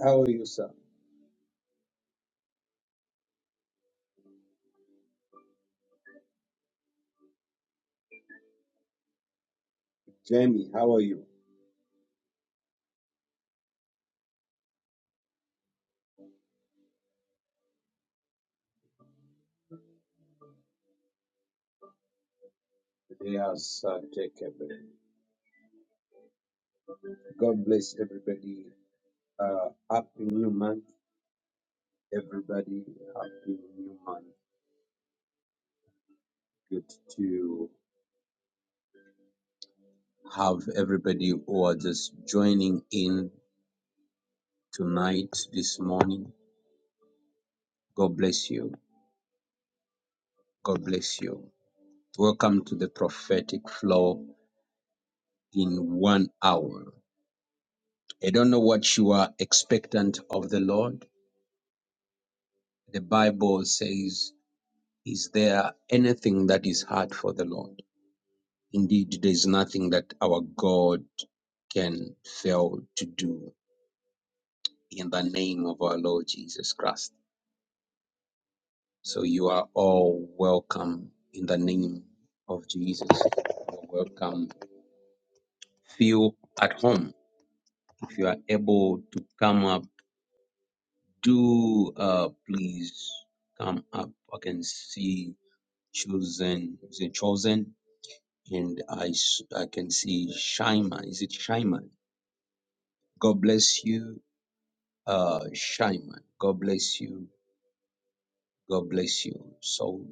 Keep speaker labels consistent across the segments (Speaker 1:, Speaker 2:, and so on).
Speaker 1: How are you, sir? Jamie, how are you? Yes, uh, take a break. God bless everybody. Uh, happy new month, everybody. Happy new month. Good to have everybody who are just joining in tonight, this morning. God bless you. God bless you. Welcome to the prophetic flow in one hour. I don't know what you are expectant of the Lord. The Bible says Is there anything that is hard for the Lord? Indeed, there is nothing that our God can fail to do in the name of our Lord Jesus Christ. So you are all welcome in the name of Jesus. You're welcome. Feel at home. If you are able to come up, do uh, please come up. I can see chosen. Is it chosen? and I, s- I can see Shaiman. Is it Shaiman? God bless you, uh, Shaiman. God bless you. God bless you. So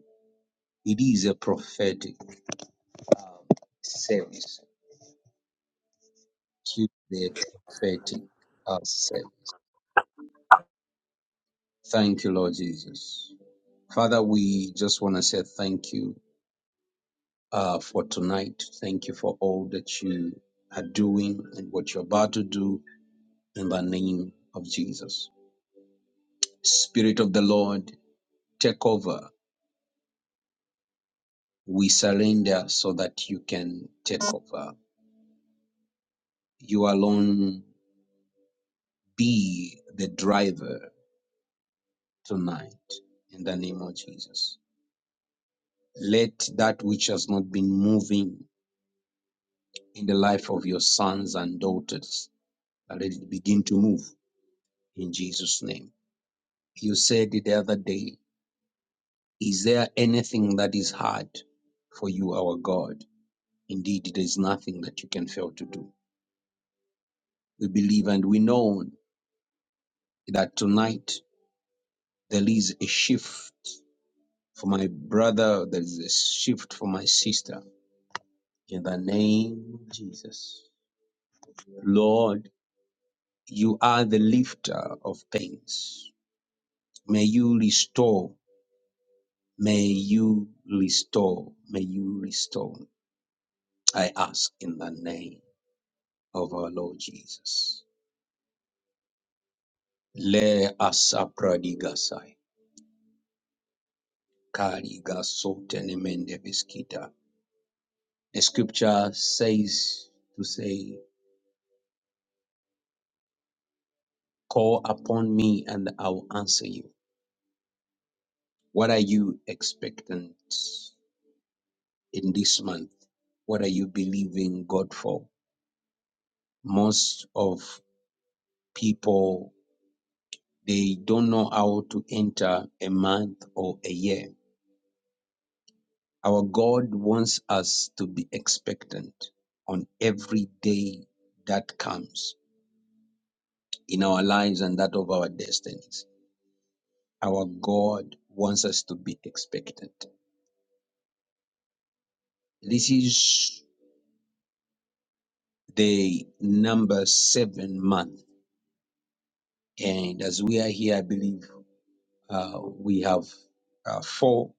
Speaker 1: it is a prophetic um, service. Tuesday prophetic uh, service. Thank you, Lord Jesus. Father, we just want to say thank you uh, for tonight. Thank you for all that you are doing and what you're about to do in the name of Jesus. Spirit of the Lord, take over. We surrender so that you can take over. You alone be the driver tonight in the name of Jesus. Let that which has not been moving in the life of your sons and daughters, let it begin to move in Jesus' name. You said it the other day, Is there anything that is hard for you, our God? Indeed, there is nothing that you can fail to do. We believe and we know that tonight There is a shift for my brother. There is a shift for my sister. In the name of Jesus. Lord, you are the lifter of pains. May you restore. May you restore. May you restore. I ask in the name of our Lord Jesus. Le asapradigasai. Karigasotenemende beskita. The scripture says to say Call upon me and I will answer you. What are you expectant in this month? What are you believing God for? Most of people, they don't know how to enter a month or a year. Our God wants us to be expectant on every day that comes in our lives and that of our destinies. Our God wants us to be expectant. This is the number seven month. And as we are here, I believe uh, we have uh, four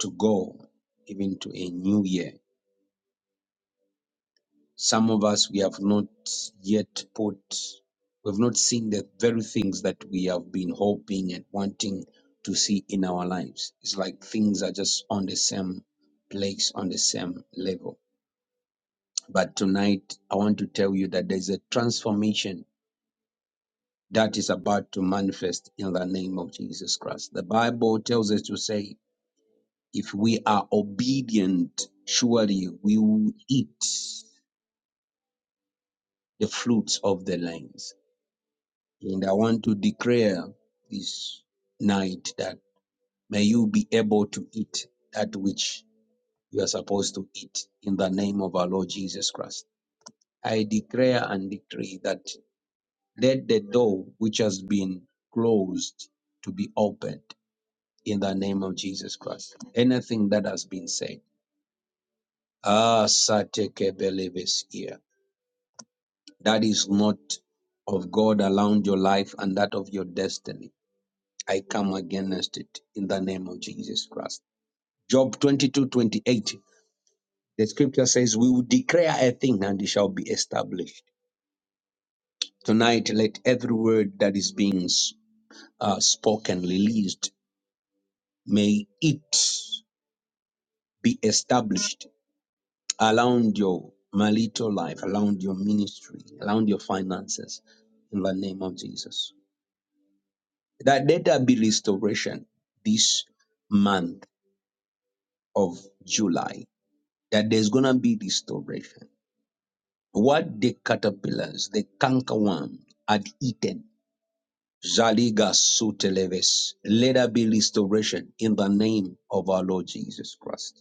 Speaker 1: to go, even to a new year. Some of us, we have not yet put, we've not seen the very things that we have been hoping and wanting to see in our lives. It's like things are just on the same place, on the same level. But tonight, I want to tell you that there's a transformation that is about to manifest in the name of Jesus Christ. The Bible tells us to say, if we are obedient, surely we will eat the fruits of the lands. And I want to declare this night that may you be able to eat that which you are supposed to eat in the name of our Lord Jesus Christ. I declare and decree that let the door which has been closed to be opened in the name of Jesus Christ. Anything that has been said, ah, sateke believers here, that is not of God around your life and that of your destiny. I come against it in the name of Jesus Christ. Job 22 28. the scripture says, We will declare a thing and it shall be established. Tonight, let every word that is being uh, spoken, released, may it be established around your marital life, around your ministry, around your finances, in the name of Jesus. That let there be restoration this month of July. That there's gonna be restoration. What the caterpillars, the cankerworm had eaten, Zaliga suteleves. Let there be restoration in the name of our Lord Jesus Christ.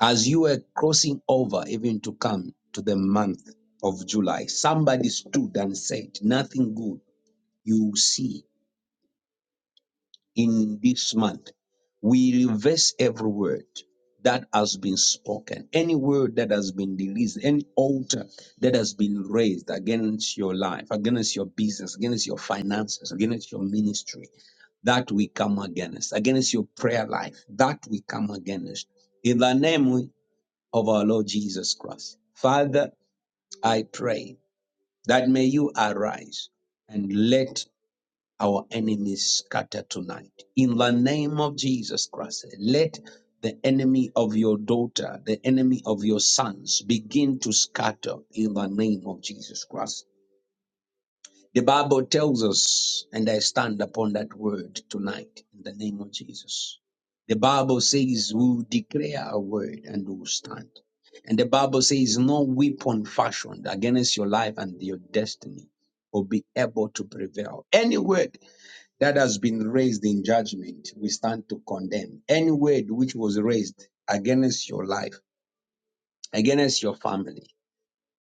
Speaker 1: As you were crossing over, even to come to the month of July, somebody stood and said, Nothing good you will see in this month. We reverse every word that has been spoken, any word that has been released, any altar that has been raised against your life, against your business, against your finances, against your ministry, that we come against, against your prayer life, that we come against. In the name of our Lord Jesus Christ. Father, I pray that may you arise and let our enemies scatter tonight. In the name of Jesus Christ, let the enemy of your daughter, the enemy of your sons begin to scatter in the name of Jesus Christ. The Bible tells us, and I stand upon that word tonight in the name of Jesus. The Bible says, We'll declare a word and we'll stand. And the Bible says, No weapon fashioned against your life and your destiny will be able to prevail. Any word that has been raised in judgment, we stand to condemn. Any word which was raised against your life, against your family,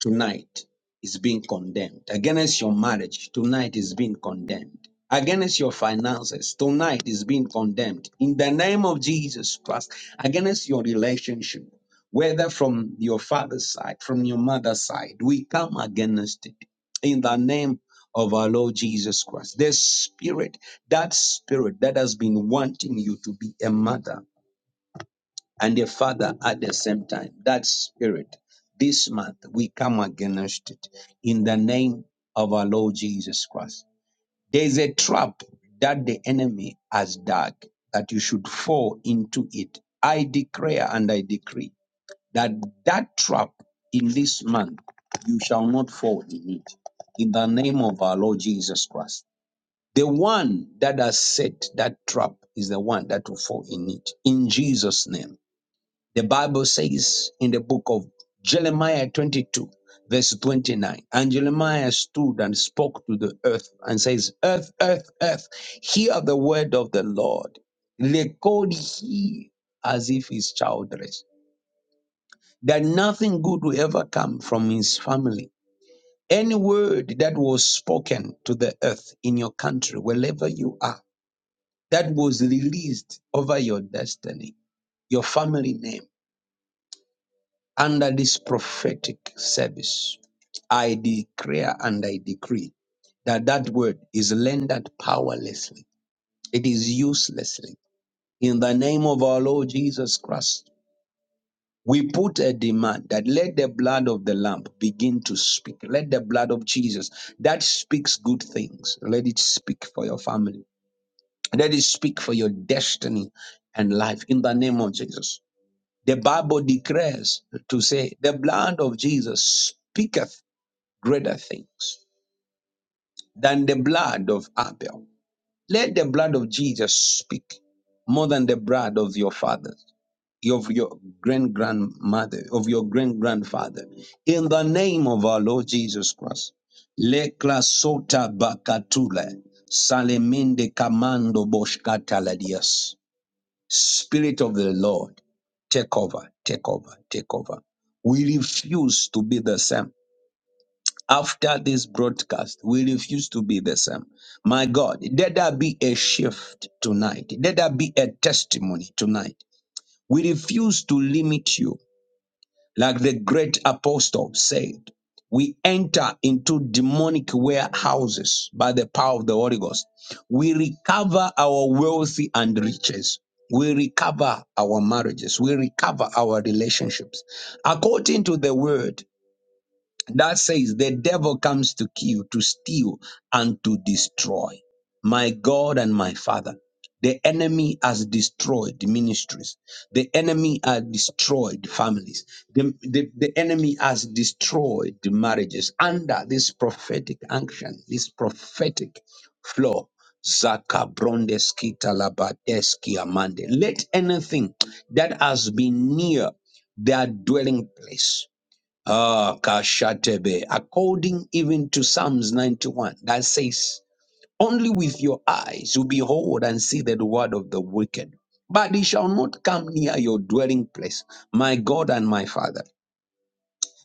Speaker 1: tonight is being condemned. Against your marriage, tonight is being condemned. Against your finances, tonight is being condemned. In the name of Jesus Christ, against your relationship, whether from your father's side, from your mother's side, we come against it. In the name of our Lord Jesus Christ, the spirit, that spirit that has been wanting you to be a mother and the father at the same time. That spirit, this month, we come against it in the name of our Lord Jesus Christ. There's a trap that the enemy has dug that you should fall into it. I declare and I decree that that trap in this month, you shall not fall in it. In the name of our Lord Jesus Christ. The one that has set that trap is the one that will fall in it. In Jesus' name. The Bible says in the book of Jeremiah 22, verse 29, and Jeremiah stood and spoke to the earth and says, Earth, earth, earth, hear the word of the Lord. Record he as if he's childless, that nothing good will ever come from his family. Any word that was spoken to the earth in your country, wherever you are, that was released over your destiny, your family name Under this prophetic service, I declare and I decree that that word is rendered powerlessly. It is uselessly. In the name of our Lord Jesus Christ, we put a demand that let the blood of the Lamb begin to speak. Let the blood of Jesus that speaks good things, let it speak for your family. Let it speak for your destiny and life in the name of Jesus. The Bible declares to say, the blood of Jesus speaketh greater things than the blood of Abel. Let the blood of Jesus speak more than the blood of your fathers, of your grand grandmother, of your grand grandfather. In the name of our Lord Jesus Christ. Le sota bakatula salemende kamando boshkataladias. Spirit of the Lord, take over, take over, take over. We refuse to be the same. After this broadcast, we refuse to be the same. My God, let there be a shift tonight. Let there be a testimony tonight. We refuse to limit you. Like the great apostle said, we enter into demonic warehouses by the power of the Holy Ghost. We recover our wealthy and riches. We recover our marriages. We recover our relationships. According to the word, that says the devil comes to kill, to steal, and to destroy. My God and my Father, the enemy has destroyed ministries. The enemy has destroyed families. The, the, the enemy has destroyed the marriages under this prophetic action, this prophetic flow. Zaka brondeski talabadeski amande. Let anything that has been near their dwelling place Ah, Kashatebe, according even to Psalms 91, that says, Only with your eyes you behold and see the reward of the wicked, but it shall not come near your dwelling place, my God and my Father.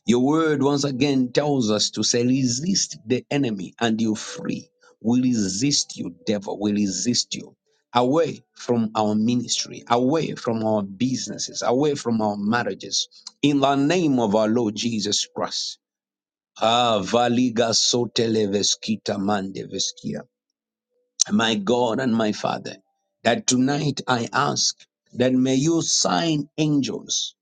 Speaker 1: Your word once again tells us to say, Resist the enemy and you're free. We resist you, devil. We resist you. Away from our ministry, away from our businesses, away from our marriages, in the name of our Lord Jesus Christ. Ah, valiga sotele veskita mande veskia. My God and my Father, that tonight I ask that may you sign angels,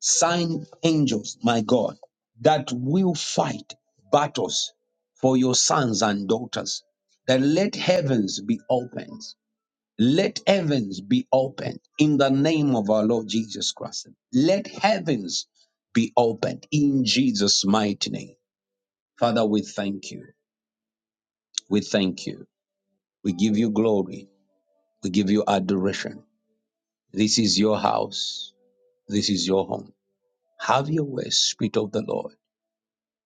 Speaker 1: sign angels, my God, that will fight battles for your sons and daughters. That let heavens be opened. Let heavens be opened in the name of our Lord Jesus Christ. Let heavens be opened in Jesus' mighty name. Father, we thank you. We thank you. We give you glory. We give you adoration. This is your house. This is your home. Have your way, Spirit of the Lord.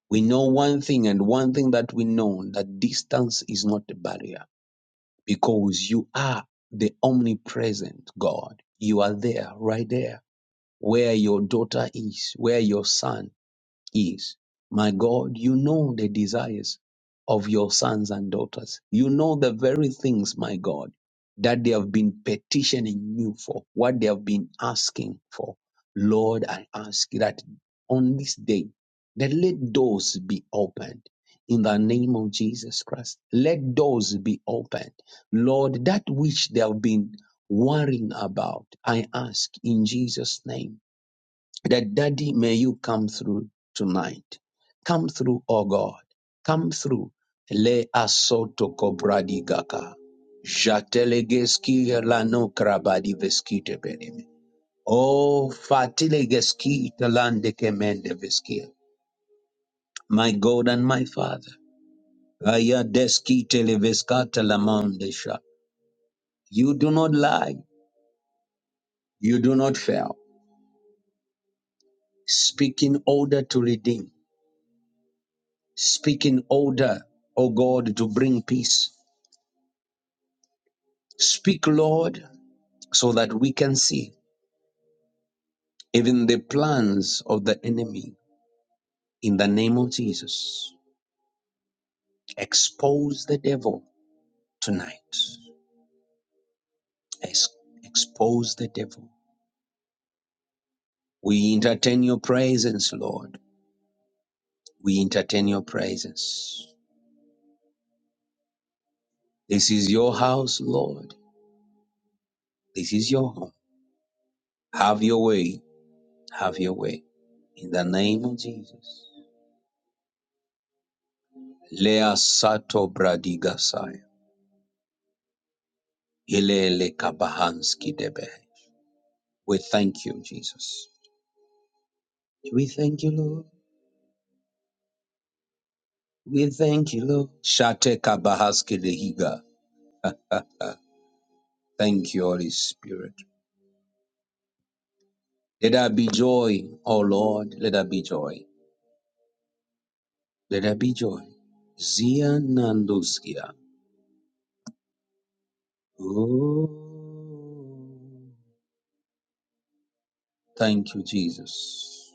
Speaker 1: We know one thing and one thing that we know that distance is not a barrier because you are the omnipresent God. You are there, right there, where your daughter is, where your son is, my God, you know the desires of your sons and daughters. You know the very things, my God, that they have been petitioning you for, what they have been asking for. Lord, I ask that on this day, that let doors be opened in the name of Jesus Christ. Let doors be opened. Lord, that which they have been worrying about, I ask in Jesus' name that daddy, may you come through tonight. Come through, oh God. Come through. Le asoto kobradi gaka. Jatelegeski lano krabadi veskite beneme. Oh, fatilegeski talande kemende veskia. My God and my Father. aya Ayadeski televeskata lamandesha. You do not lie. You do not fail. Speaking order to redeem Speaking order, O God, to bring peace. Speak, Lord, so that we can see even the plans of the enemy in the name of Jesus. Expose the devil tonight. Ex- expose the devil. We entertain your presence, Lord. We entertain your presence. This is your house, Lord. This is your home. Have your way. Have your way. In the name of Jesus. Lea Sato Bradigasai. Ilele kabahanski debe. We thank you, Jesus. We thank you, Lord. We thank you, Lord. Shate kabahaski lehiga. Thank you, Holy Spirit. Let there be joy, O Lord. Let there be joy. Let there be joy. Zia nanduskia. Oh, thank you, Jesus.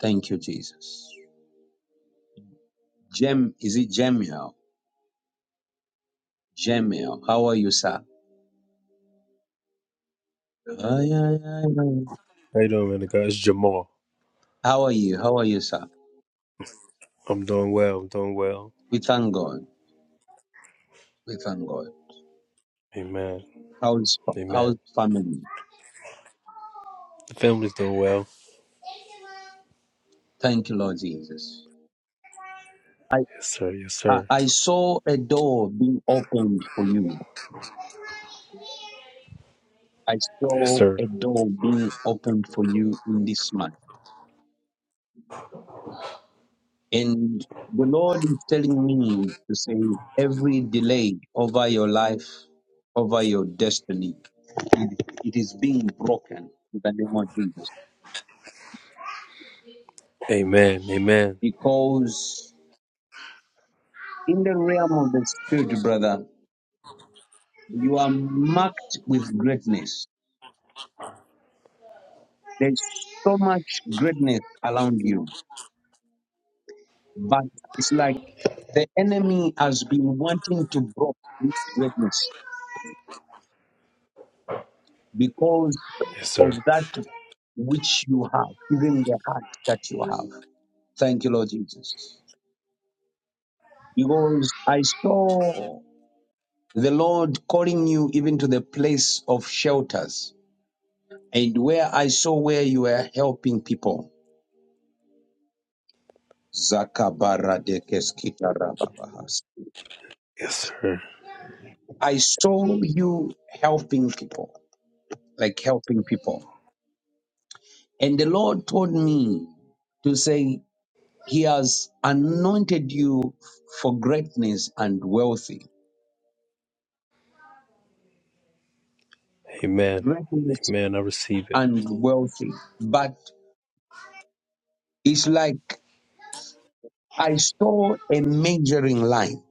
Speaker 1: Thank you, Jesus. Jem, is it Jemiel? Jemiel, how are you, sir? Ay, ay, ay, ay.
Speaker 2: How you doing, man? It's Jamal.
Speaker 1: How are you? How are you, sir?
Speaker 2: I'm doing well. I'm doing well.
Speaker 1: We thank God. We thank God.
Speaker 2: Amen.
Speaker 1: How's how's
Speaker 2: Amen.
Speaker 1: family?
Speaker 2: The family's doing well.
Speaker 1: Thank you, Lord Jesus. I,
Speaker 2: Yes, sir. Yes,
Speaker 1: I
Speaker 2: sir.
Speaker 1: I saw a door being opened for you. I
Speaker 2: Yes,
Speaker 1: saw
Speaker 2: sir.
Speaker 1: a door being opened for you in this month. And the Lord is telling me to say every delay over your life, over your destiny, it, it is being broken in the name of Jesus.
Speaker 2: Amen. Amen.
Speaker 1: Because in the realm of the spirit, brother, You are marked with greatness. There's so much greatness around you, but it's like the enemy has been wanting to block this greatness because
Speaker 2: Yes, sir.
Speaker 1: of that which you have, even the heart that you have. Thank you, Lord Jesus. Because I saw the Lord calling you even to the place of shelters and where I saw where you were helping people. Zakabaradekeskitarababaha.
Speaker 2: Yes, sir.
Speaker 1: I saw you helping people, like helping people. And the Lord told me to say, He has anointed you for greatness and wealthy.
Speaker 2: Amen.
Speaker 1: Greatness
Speaker 2: Amen. I receive it.
Speaker 1: and wealthy. But it's like I saw a measuring line,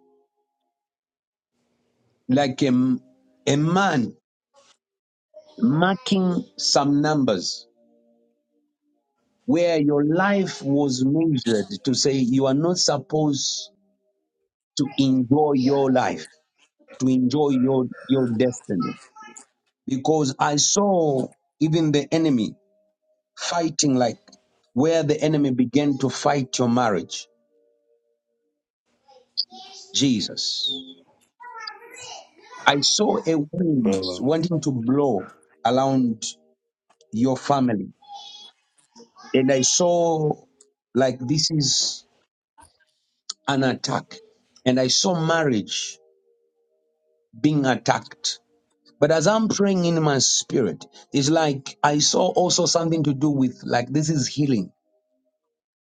Speaker 1: like a, a man marking some numbers where your life was measured to say you are not supposed to enjoy your life to enjoy your, your destiny. Because I saw even the enemy fighting like where the enemy began to fight your marriage, Jesus. I saw a
Speaker 2: My
Speaker 1: wind
Speaker 2: Lord.
Speaker 1: wanting to blow around your family. And I saw like this is an attack. And I saw marriage being attacked. But as I'm praying in my spirit, it's like I saw also something to do with like this is healing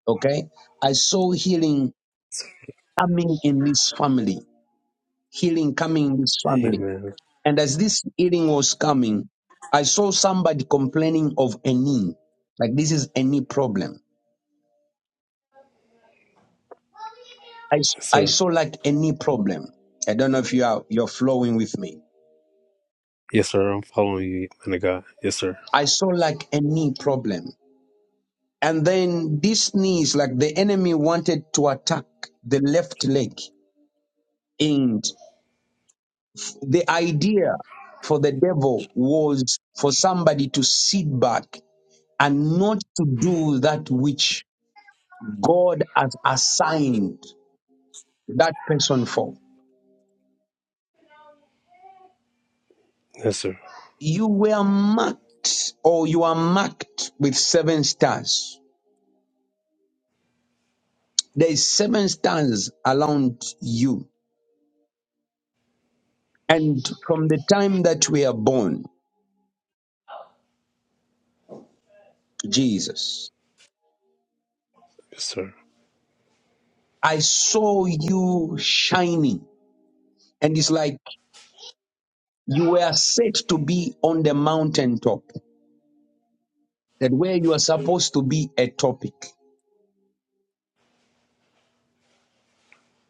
Speaker 1: Okay. I saw healing coming in this family, healing coming in this family.
Speaker 2: Amen.
Speaker 1: And as this healing was coming, I saw somebody complaining of a knee. Like this is a knee problem. I, s-
Speaker 2: Yes,
Speaker 1: I
Speaker 2: sir.
Speaker 1: saw like a knee problem. I don't know if you are, you're flowing with me.
Speaker 2: Yes, sir. I'm following you, man of God. Yes, sir.
Speaker 1: I saw like a knee problem. And then this knee is like the enemy wanted to attack the left leg. The idea for the devil was for somebody to sit back and not to do that which God has assigned that person for.
Speaker 2: Yes, sir.
Speaker 1: You were marked or you are marked with seven stars. There is seven stars around you. And from the time that we are born, Jesus,
Speaker 2: Yes, sir.
Speaker 1: I saw you shining. And it's like you were set to be on the mountaintop. that where you are supposed to be a topic.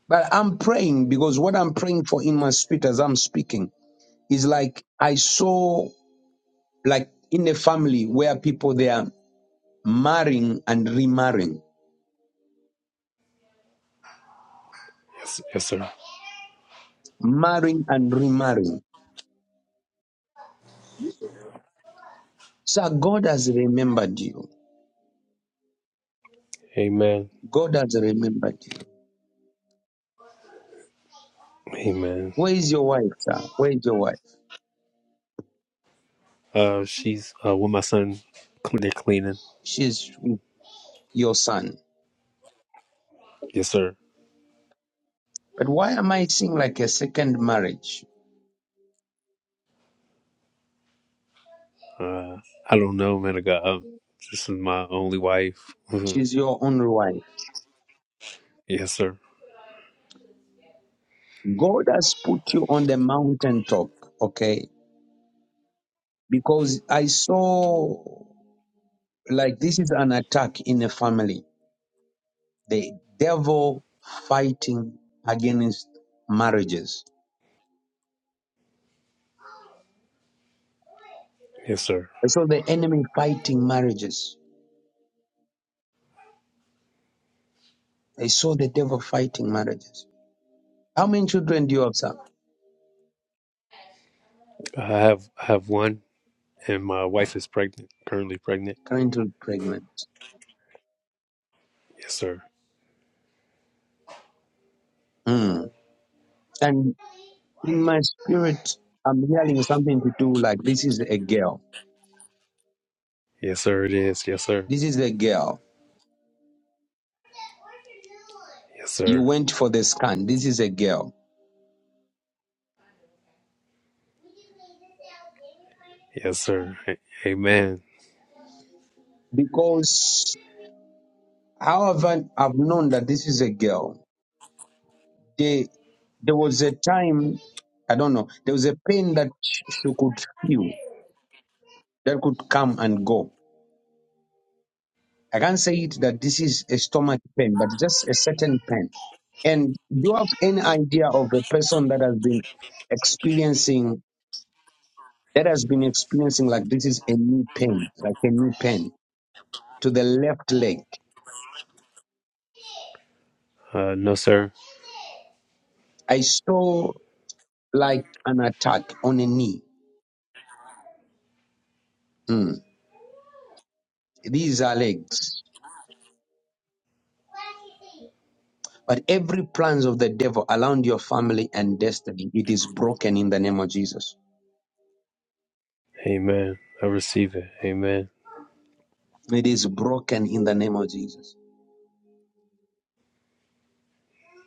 Speaker 1: But I'm praying because what I'm praying for in my spirit as I'm speaking is like I saw like in a family where people they are marrying and remarrying,
Speaker 2: Yes, yes, sir.
Speaker 1: marrying and remarrying. Sir, God has remembered you.
Speaker 2: Amen.
Speaker 1: God has remembered you.
Speaker 2: Amen.
Speaker 1: Where is your wife, sir? Where is your wife?
Speaker 2: Uh, she's uh with my son. They're cleaning.
Speaker 1: She's with your son.
Speaker 2: Yes, sir.
Speaker 1: But why am I seeing like a second marriage?
Speaker 2: Uh, I don't know, man. I got uh, this is my only wife. Mhm.
Speaker 1: She's your own wife.
Speaker 2: yes, sir.
Speaker 1: God has put you on the mountaintop, okay? Because I saw like this is an attack in a family. The devil fighting against marriages.
Speaker 2: Yes, sir.
Speaker 1: I saw the enemy fighting marriages. I saw the devil fighting marriages. How many children do you have, sir?
Speaker 2: I have I have one, and my wife is pregnant, currently pregnant.
Speaker 1: Currently pregnant.
Speaker 2: Yes, sir.
Speaker 1: Hmm. And in my spirit, I'm hearing something to do like this is a girl.
Speaker 2: Yes, sir. It is. Yes, sir.
Speaker 1: This is a girl.
Speaker 2: Yes,
Speaker 1: You
Speaker 2: sir.
Speaker 1: went for the scan. This is a girl
Speaker 2: Yes, sir. A- Amen.
Speaker 1: because however I've known that this is a girl, they, there was a time, I don't know, there was a pain that sh- she could feel that could come and go. I can't say it that this is a stomach pain, but just a certain pain. And do you have any idea of a person that has been experiencing that has been experiencing like this is a knee pain, like a knee pain to the left leg?
Speaker 2: Uh, no, sir.
Speaker 1: I saw like an attack on a knee. Mm. These are legs. But every plans of the devil around your family and destiny, it is broken in the name of Jesus.
Speaker 2: Amen. I receive it. Amen.
Speaker 1: It is broken in the name of Jesus.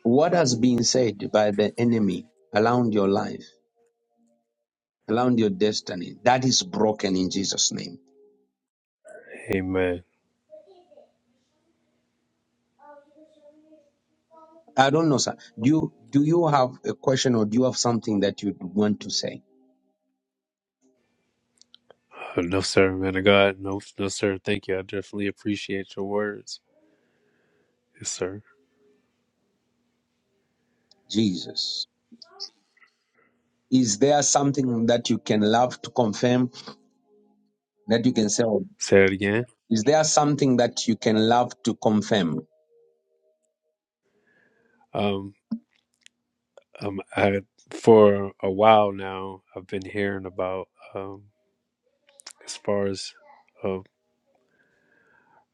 Speaker 1: What has been said by the enemy around your life, around your destiny, that is broken in Jesus' name.
Speaker 2: Amen.
Speaker 1: I don't know, sir. Do you, do you have a question or do you have something that you want to say?
Speaker 2: Uh, no, sir, man of God. No, no, sir. Thank you. I definitely appreciate your words. Yes, sir.
Speaker 1: Jesus. Is there something that you can love to confirm that you can say?
Speaker 2: Say it again.
Speaker 1: Is there something that you can love to confirm?
Speaker 2: Um. um, I for a while now I've been hearing about um, as far as uh,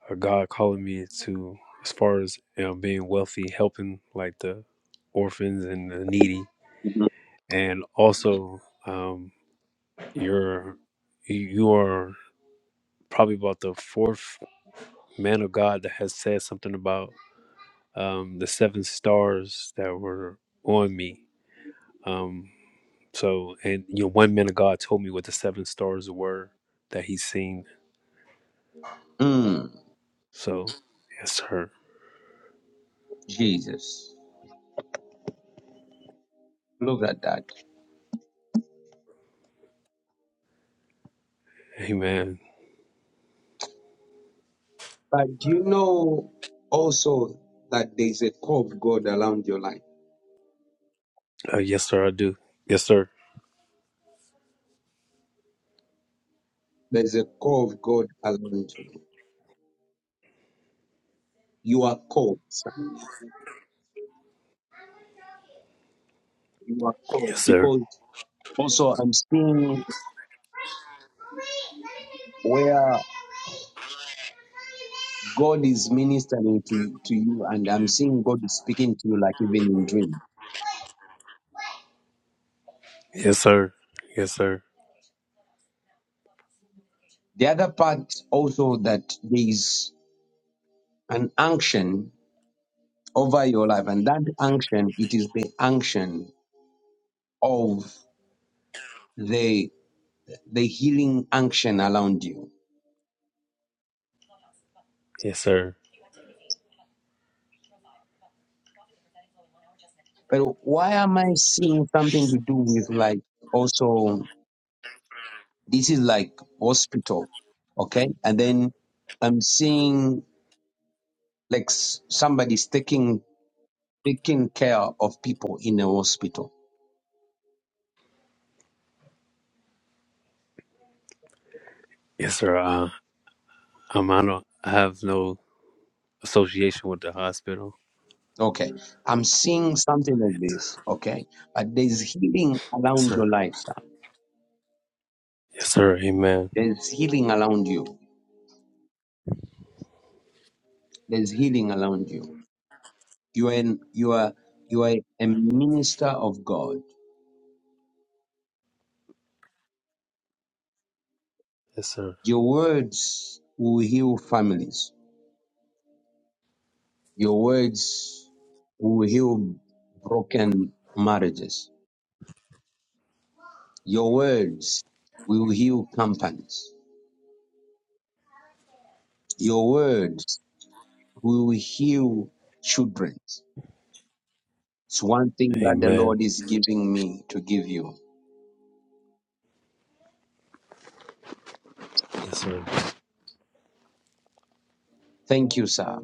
Speaker 2: a God calling me to as far as you know being wealthy, helping like the orphans and the needy, and also um, you're you are probably about the fourth man of God that has said something about um, the seven stars that were on me. um. So, and you know, one man of God told me what the seven stars were that he's seen.
Speaker 1: Mm,
Speaker 2: So, yes, sir.
Speaker 1: Jesus. Look at that.
Speaker 2: Amen.
Speaker 1: But do you know also that there's a call of God around your life?
Speaker 2: Uh, yes, sir. I do. Yes, sir.
Speaker 1: There's a call of God around you. You are called. son. You are called
Speaker 2: Yes, sir.
Speaker 1: because also I'm seeing where God is ministering to you, to you and I'm seeing God is speaking to you like even in dream.
Speaker 2: Yes, sir. Yes, sir.
Speaker 1: The other part also that there is an unction over your life and that unction, it is the unction of the the healing action around you.
Speaker 2: Yes, sir.
Speaker 1: But why am I seeing something to do with like also this is like hospital, okay? And then I'm seeing like s- somebody's taking taking care of people in a hospital.
Speaker 2: Yes, sir. Uh, um, I don't. I have no association with the hospital.
Speaker 1: Okay, I'm seeing something of
Speaker 2: Yes,
Speaker 1: this. Okay, but there's healing around
Speaker 2: sir.
Speaker 1: your life, sir.
Speaker 2: Yes, sir. Amen.
Speaker 1: There's healing around you. There's healing around you. You are an, you are you are a minister of God
Speaker 2: Yes, sir.
Speaker 1: Your words will heal families. Your words will heal broken marriages. Your words will heal companies. Your words will heal children. It's one thing that the
Speaker 2: Amen.
Speaker 1: Lord is giving me to give you.
Speaker 2: Yes, sir.
Speaker 1: Thank you, sir.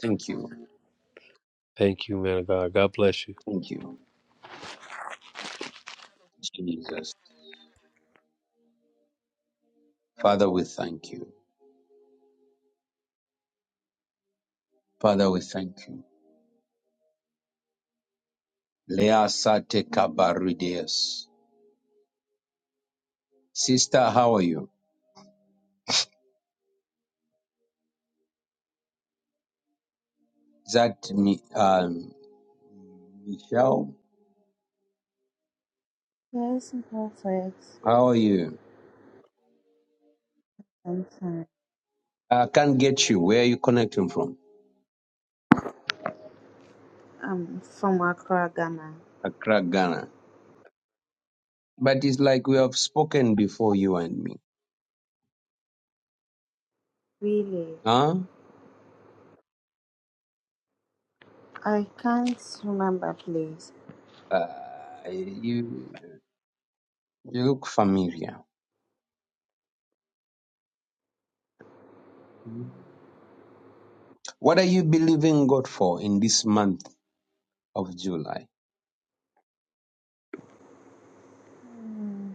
Speaker 1: Thank you.
Speaker 2: Thank you, man of God. God bless you.
Speaker 1: Thank you. Jesus. Father, we thank you. Father, we thank you. Lea Sate Kabarudias. Sister, how are you? That me, um, Michelle,
Speaker 3: Yes, perfect.
Speaker 1: how are you?
Speaker 3: I'm fine.
Speaker 1: I can't get you. Where are you connecting from?
Speaker 3: I'm from Accra, Ghana.
Speaker 1: Accra, Ghana. But it's like we have spoken before, you and me.
Speaker 3: Really,
Speaker 1: Huh?
Speaker 3: I can't remember, please.
Speaker 1: Uh, you, you look familiar. What are you believing God for in this month of July?
Speaker 3: Mm,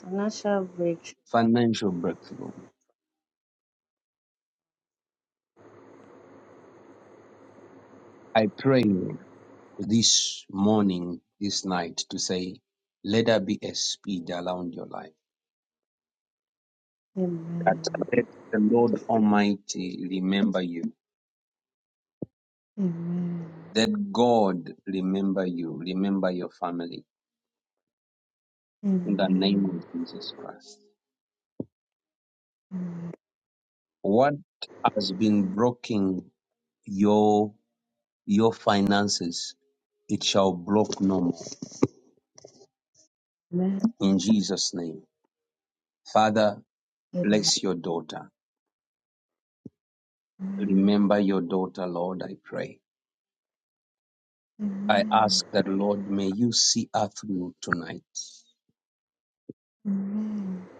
Speaker 3: Financial breakthrough.
Speaker 1: Financial breakthrough. I pray this morning, this night, to say, let there be a speed around your life. that
Speaker 3: Amen.
Speaker 1: let the Lord Almighty remember you.
Speaker 3: Amen.
Speaker 1: That God remember you, remember your family in the name of
Speaker 3: Amen.
Speaker 1: Jesus Christ. What has been blocking your your finances, it shall block no more in Jesus' name. Father,
Speaker 3: Amen.
Speaker 1: bless your daughter.
Speaker 3: Amen.
Speaker 1: Remember your daughter, Lord, I pray. I ask that, Lord, may you see her through tonight.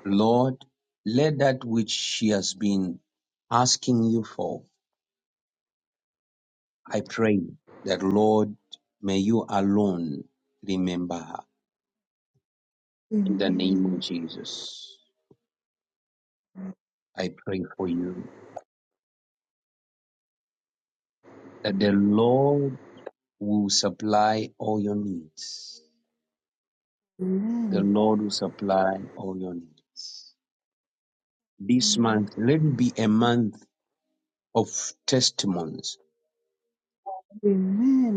Speaker 1: Lord, let that which she has been asking you for, I pray that, Lord, may you alone remember her. In the name of
Speaker 3: Amen.
Speaker 1: Jesus, I pray for you that the Lord will supply all your needs. The
Speaker 3: Amen.
Speaker 1: Lord will supply all your needs. This month, let it be a month of testimonies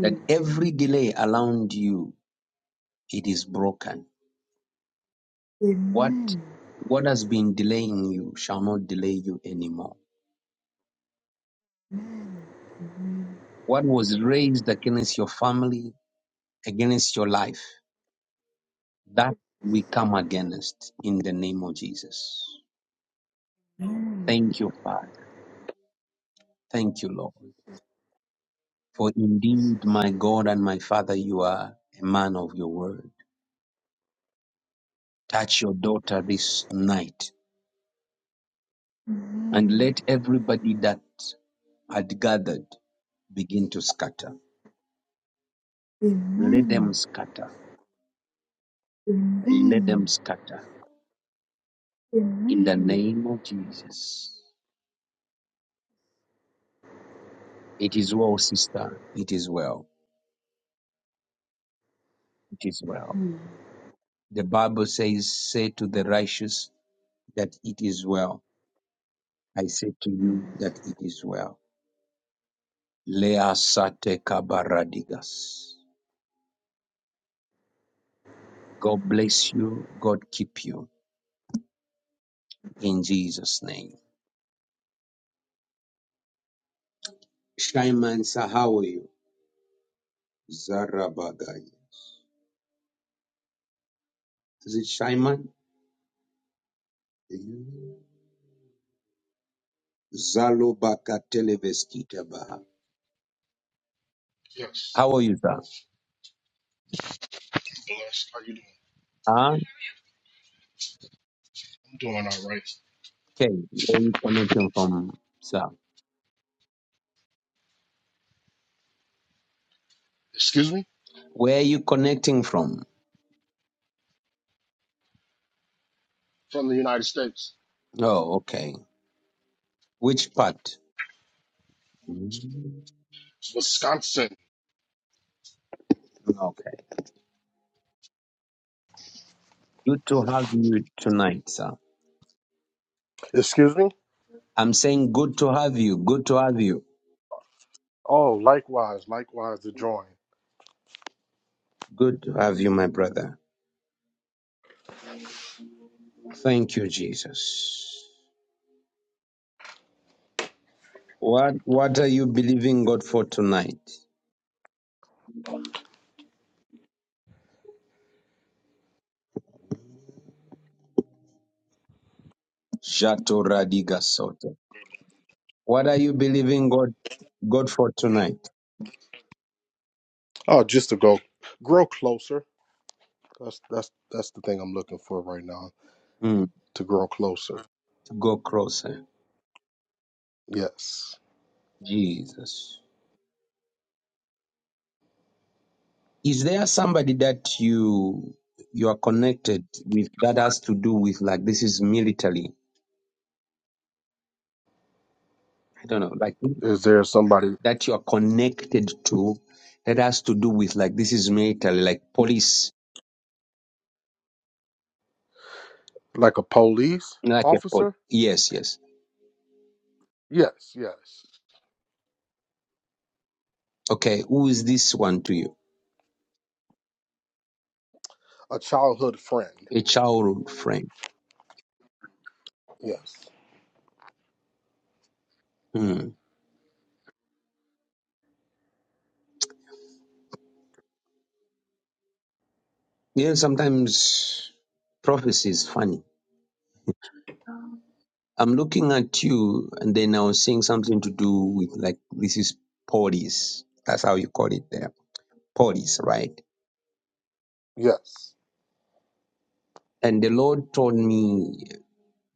Speaker 1: that every delay around you, it is broken What
Speaker 3: Amen.
Speaker 1: what has been delaying you shall not delay you anymore. What was raised against your family, against your life, that we come against in the name of Jesus. Thank you, Father. Thank you, Lord. For indeed, my God and my Father, you are a man of your word. Touch your daughter this night and let everybody that had gathered begin to scatter.
Speaker 3: Amen. Amen.
Speaker 1: Let them scatter. Let them
Speaker 3: Amen.
Speaker 1: scatter.
Speaker 3: Amen. Amen. Amen.
Speaker 1: In the
Speaker 3: Amen.
Speaker 1: name of Jesus. It is well, sister. It is well. It is well. The Bible says, say to the righteous that it is well. I say to
Speaker 3: Amen.
Speaker 1: you that it is well. Lea sate kabaradigas. God bless you. God keep you. In Jesus' name. Shaiman, sir, how are you? Zarabagai. Is it Shaiman? Zalobaka televeskita baha.
Speaker 4: Yes,
Speaker 1: How are you, sir?
Speaker 4: blessed. How you doing?
Speaker 1: Ah.
Speaker 4: I'm doing all right.
Speaker 1: Okay, where you connecting from, sir?
Speaker 4: Excuse me?
Speaker 1: Where you connecting from?
Speaker 4: From the United States.
Speaker 1: Oh, okay. Which part? Mm,
Speaker 4: Wisconsin.
Speaker 1: Okay. Good to have you tonight, sir.
Speaker 4: Excuse me?
Speaker 1: I'm saying good to have you. Good to have you.
Speaker 4: Oh, likewise, likewise to join.
Speaker 1: Good to have you, my brother. Thank you, Jesus. What What are you believing God for tonight? Jato radiga soto. What are you believing God God for tonight?
Speaker 4: Oh, just to go grow closer. That's that's that's the thing I'm looking for right now.
Speaker 1: Mm,
Speaker 4: To grow closer.
Speaker 1: to go closer,
Speaker 4: Yes.
Speaker 1: Jesus. Is there somebody that you you are connected with that has to do with like this is military? I don't know, like
Speaker 4: Is there somebody
Speaker 1: that you are connected to that has to do with like this is military, like police,
Speaker 4: like a police
Speaker 1: like a pol.
Speaker 4: officer?
Speaker 1: Yes, yes.
Speaker 4: Yes, yes.
Speaker 1: Okay, who is this one to you?
Speaker 4: A childhood friend.
Speaker 1: A childhood friend.
Speaker 4: Yes.
Speaker 1: Hmm. Yeah, sometimes prophecy is funny. I'm looking at you, and then I was seeing something to do with like this is police. That's how you call it there. Police, right?
Speaker 4: Yes.
Speaker 1: And the Lord told me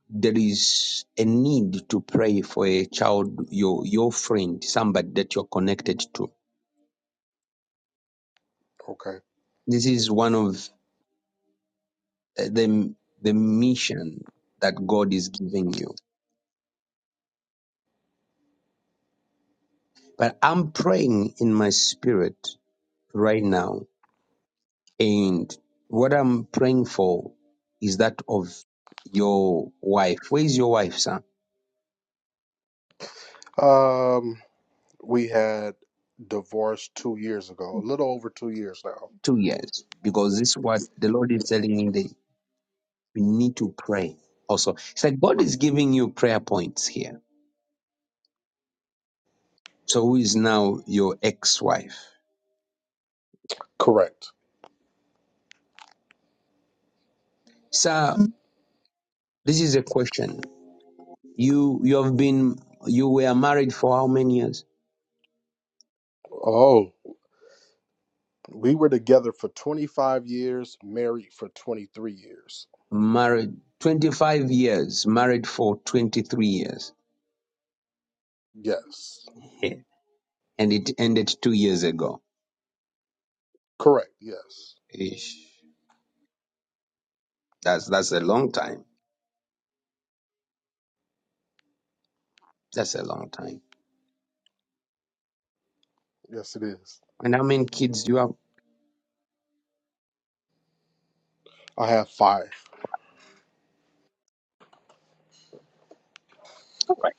Speaker 1: there is a need to pray for a child, your your friend, somebody that you're connected to.
Speaker 4: Okay.
Speaker 1: This is one of uh, the the mission that God is giving you. But I'm praying in my spirit right now, and what I'm praying for is that of your wife. Where is your wife, sir?
Speaker 4: Um We had divorced two years ago, a little over two years now.
Speaker 1: Two years, because this is what the Lord is telling me. That We need to pray also. It's like God is giving you prayer points here. So who is now your ex-wife?
Speaker 4: Correct.
Speaker 1: Sir, this is a question. You you have been you were married for how many years?
Speaker 4: Oh, we were together for 25 years, married for 23 years.
Speaker 1: Married 25 years, married for 23 years.
Speaker 4: Yes.
Speaker 1: Yeah, and it ended 2 years ago.
Speaker 4: Correct. Yes.
Speaker 1: Ish. That's that's a long time. That's a long time.
Speaker 4: Yes, it is.
Speaker 1: And how many kids do you have?
Speaker 4: I have five.
Speaker 1: All right.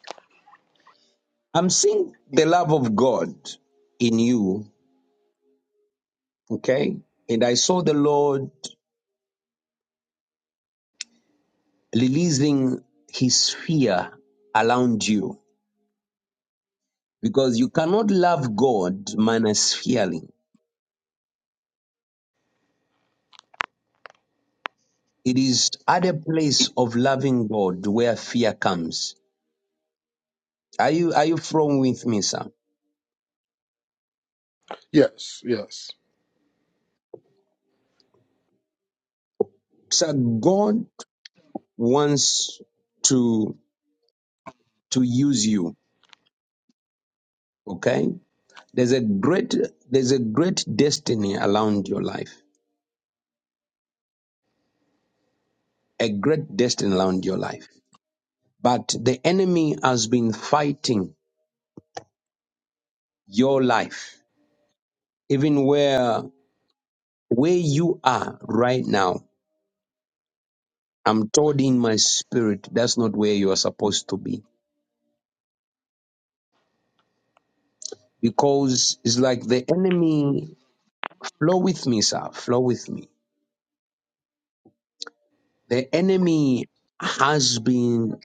Speaker 1: I'm seeing the love of God in you Okay. And I saw the Lord releasing his fear around you because you cannot love God minus fearing. It is at a place of loving God where fear comes. Are you, are you from with me, sir?
Speaker 4: Yes. Yes.
Speaker 1: Sir, God wants to, to use you. Okay. There's a great, there's a great destiny around your life, a great destiny around your life. But the enemy has been fighting your life, even where where you are right now. I'm told in my spirit that's not where you are supposed to be because it's like the enemy. Flow with me, sir. Flow with me. The enemy has been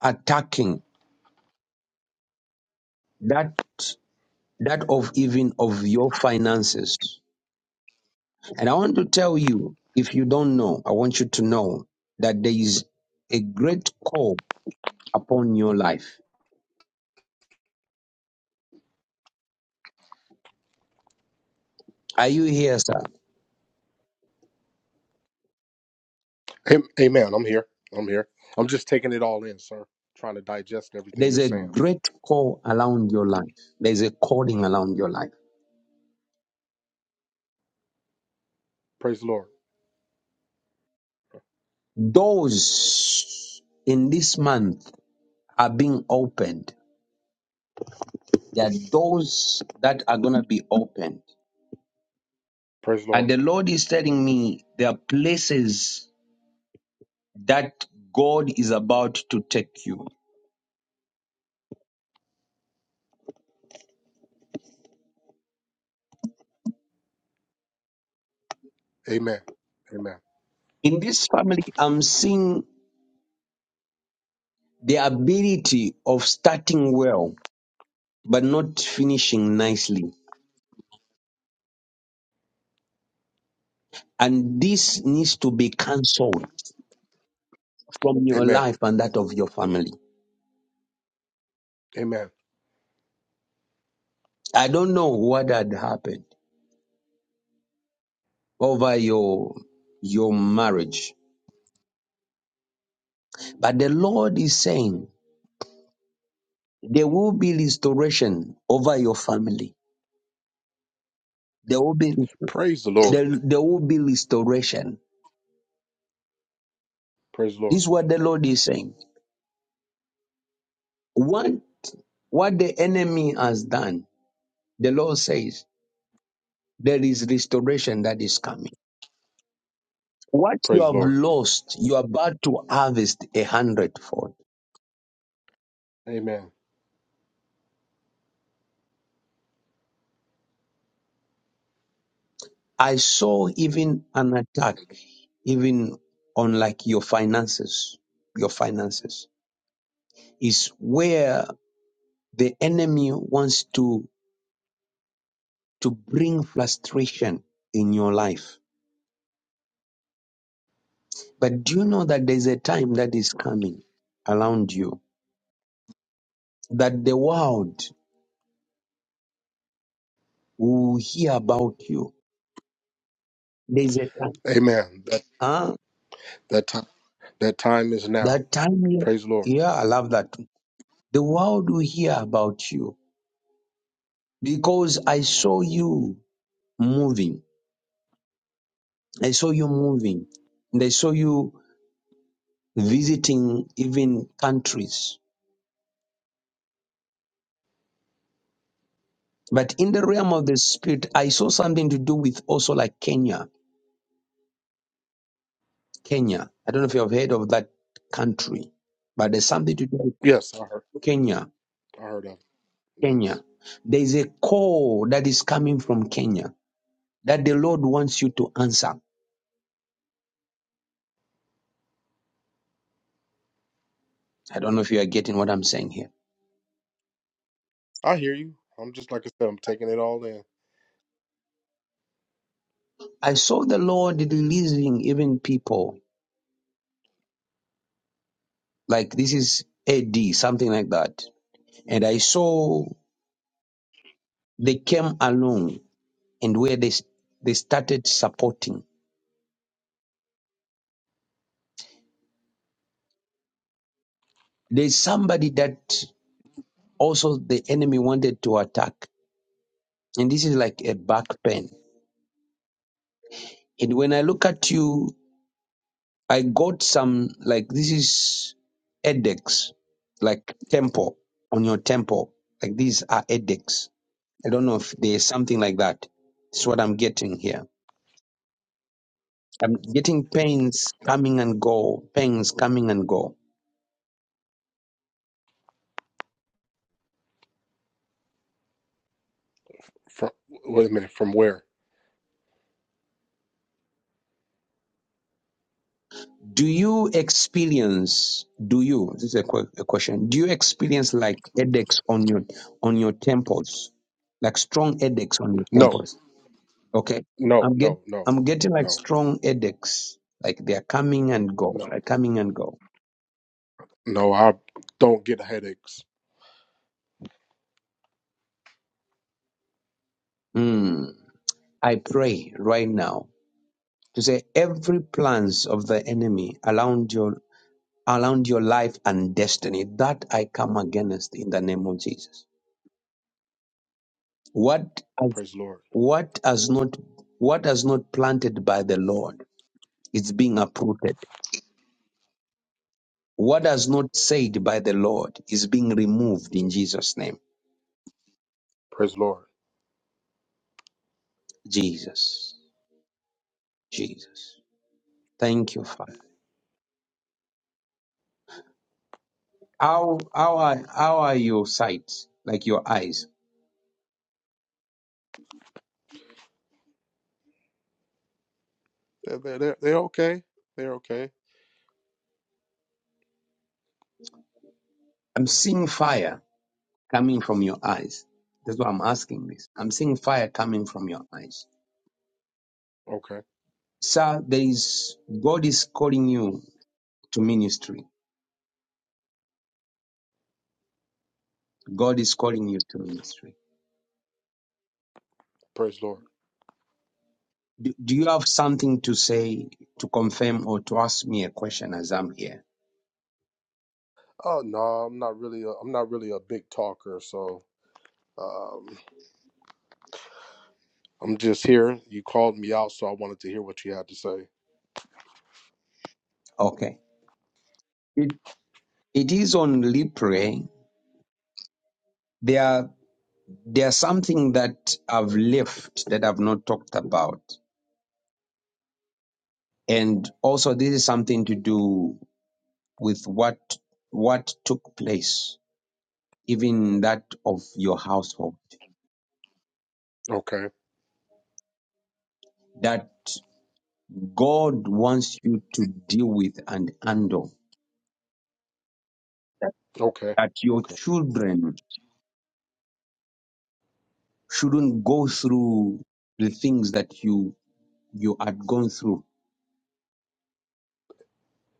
Speaker 1: attacking that that of even of your finances. And I want to tell you, if you don't know, I want you to know that there is a great call upon your life. Are you here, sir?
Speaker 4: Am- Amen. I'm here. I'm here. I'm just taking it all in, sir. Trying to digest everything you're
Speaker 1: There's a
Speaker 4: saying.
Speaker 1: great call around your life. There's a calling around your life.
Speaker 4: Praise the Lord.
Speaker 1: Doors in this month are being opened. There are doors that are going to be opened.
Speaker 4: Praise the Lord.
Speaker 1: And the Lord is telling me there are places that God is about to take you.
Speaker 4: Amen. Amen.
Speaker 1: In this family, I'm seeing the ability of starting well, but not finishing nicely. And this needs to be cancelled from your
Speaker 4: Amen.
Speaker 1: life and that of your family.
Speaker 4: Amen.
Speaker 1: I don't know what had happened over your your marriage, but the Lord is saying there will be restoration over your family. There will be
Speaker 4: Praise the Lord.
Speaker 1: there, there will be restoration.
Speaker 4: Praise the Lord.
Speaker 1: This is what the Lord is saying. What what the enemy has done, the Lord says there is restoration that is coming. What you
Speaker 4: Praise the
Speaker 1: have
Speaker 4: Lord.
Speaker 1: lost, you are about to harvest a hundredfold.
Speaker 4: Amen.
Speaker 1: I saw even an attack, even on like your finances, your finances is where the enemy wants to, to bring frustration in your life. But do you know that there's a time that is coming around you that the world will hear about you? There's a time,
Speaker 4: Amen.
Speaker 1: huh?
Speaker 4: That time, that time is now.
Speaker 1: That time, yeah,
Speaker 4: Praise the Lord.
Speaker 1: yeah, I love that. The world will hear about you because I saw you moving. I saw you moving and I saw you visiting even countries. But in the realm of the spirit, I saw something to do with also like Kenya. Kenya. I don't know if you have heard of that country, but there's something to do
Speaker 4: Yes, I heard.
Speaker 1: with Kenya.
Speaker 4: I heard of. It. Yes,
Speaker 1: Kenya. There is a call that is coming from Kenya that the Lord wants you to answer. I don't know if you are getting what I'm saying here.
Speaker 4: I hear you. I'm just like I said. I'm taking it all in.
Speaker 1: I saw the Lord releasing even people like this is AD, something like that. And I saw They came along and where they, they started supporting. There's somebody that also the enemy wanted to attack. And this is like a back pain. And when I look at you, I got some, like, this is headaches, like temple on your temple. Like these are headaches. I don't know if there's something like that. It's what I'm getting here. I'm getting pains coming and go, pains coming and go.
Speaker 4: From wait a minute. From where?
Speaker 1: Do you experience? Do you? This is a, que- a question. Do you experience like headaches on your on your temples, like strong headaches on your
Speaker 4: No,
Speaker 1: temples? Okay,
Speaker 4: no,
Speaker 1: I'm get
Speaker 4: no, no,
Speaker 1: I'm getting like
Speaker 4: no,
Speaker 1: strong headaches, like they are coming and go,
Speaker 4: no,
Speaker 1: like coming and go.
Speaker 4: no. I don't get headaches.
Speaker 1: Hmm. I pray right now to say every plans of the enemy around your around your life and destiny that I come against in the name of Jesus. What
Speaker 4: Praise the Lord.
Speaker 1: What has not what has not planted by the Lord is being uprooted. What has not said by the Lord is being removed in Jesus' name.
Speaker 4: Praise the Lord.
Speaker 1: Jesus. Jesus. Thank you, Father. How how are how are your sights? Like your eyes.
Speaker 4: They're, they're, they're okay. They're okay.
Speaker 1: I'm seeing fire coming from your eyes. That's why I'm asking this. I'm seeing fire coming from your eyes.
Speaker 4: Okay.
Speaker 1: Sir, there is God is calling you to ministry. God is calling you to ministry.
Speaker 4: Praise the Lord.
Speaker 1: Do, do you have something to say to confirm or to ask me a question as I'm here?
Speaker 4: Oh no, I'm not really. A, I'm not really a big talker, so um, I'm just here. You called me out, so I wanted to hear what you had to say.
Speaker 1: Okay. It, it is on Lipre. There are there's something that I've left that I've not talked about. And also this is something to do with what what took place, even that of your household.
Speaker 4: Okay,
Speaker 1: That God wants you to deal with and handle that
Speaker 4: okay,
Speaker 1: that your
Speaker 4: okay.
Speaker 1: children shouldn't go through the things that you you had gone through.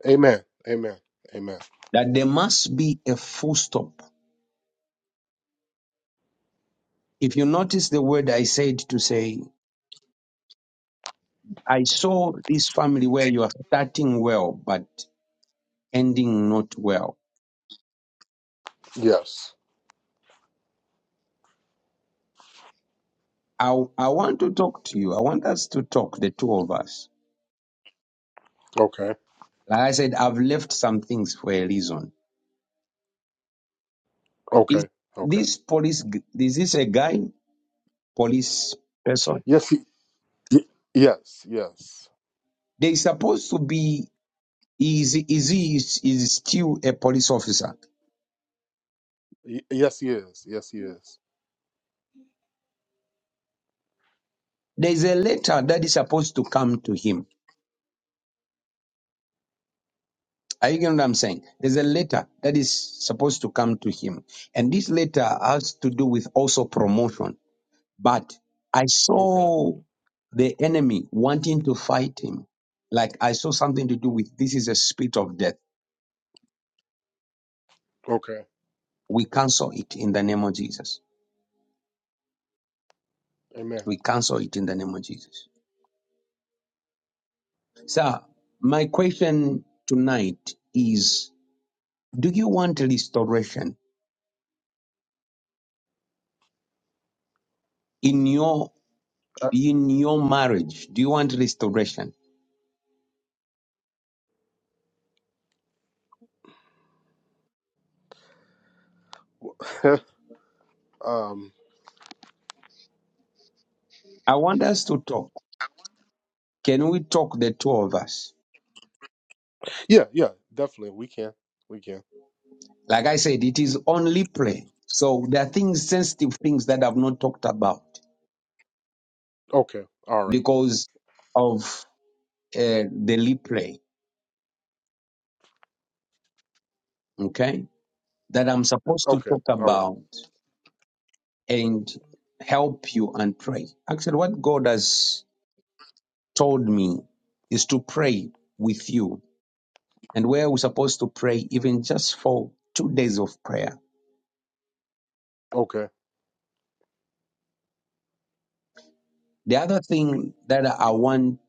Speaker 4: Amen, amen, amen.
Speaker 1: That there must be a full stop. If you notice the word I said to say, I saw this family where you are starting well but ending not well.
Speaker 4: Yes.
Speaker 1: I, I want to talk to you. I want us to talk, the two of us.
Speaker 4: Okay,
Speaker 1: Like I said, I've left some things for a reason. Is
Speaker 4: okay, okay.
Speaker 1: this police, g- is this a guy? police person.
Speaker 4: Yes, he, y- yes, yes,
Speaker 1: There is supposed to be is is he is, is still a police officer.
Speaker 4: y- yes. He is. Yes, he is.
Speaker 1: There is a letter that is supposed to come to him. Are you getting what I'm saying? There's a letter that is supposed to come to him, and this letter has to do with also promotion. But I
Speaker 4: Okay,
Speaker 1: saw the enemy wanting to fight him. Like I saw something to do with this is a spirit of death.
Speaker 4: okay.
Speaker 1: We cancel it in the name of Jesus.
Speaker 4: Amen.
Speaker 1: We cancel it in the name of Jesus. Sir, my question tonight is do you want restoration in your
Speaker 4: Uh,
Speaker 1: in your marriage? Do you want restoration?
Speaker 4: um.
Speaker 1: I want us to talk. Can we talk the two of us?
Speaker 4: Yeah, yeah. Definitely, we can. We can.
Speaker 1: Like I said, it is only play. So there are things sensitive things that I've not talked about
Speaker 4: Okay. All right.
Speaker 1: because of uh, the replay, okay? That I'm supposed to
Speaker 4: Okay.
Speaker 1: talk
Speaker 4: All right.
Speaker 1: about and help you and pray. Actually, what God has told me is to pray with you. And where we're supposed to pray, even just for two days of prayer.
Speaker 4: Okay.
Speaker 1: The other thing that I want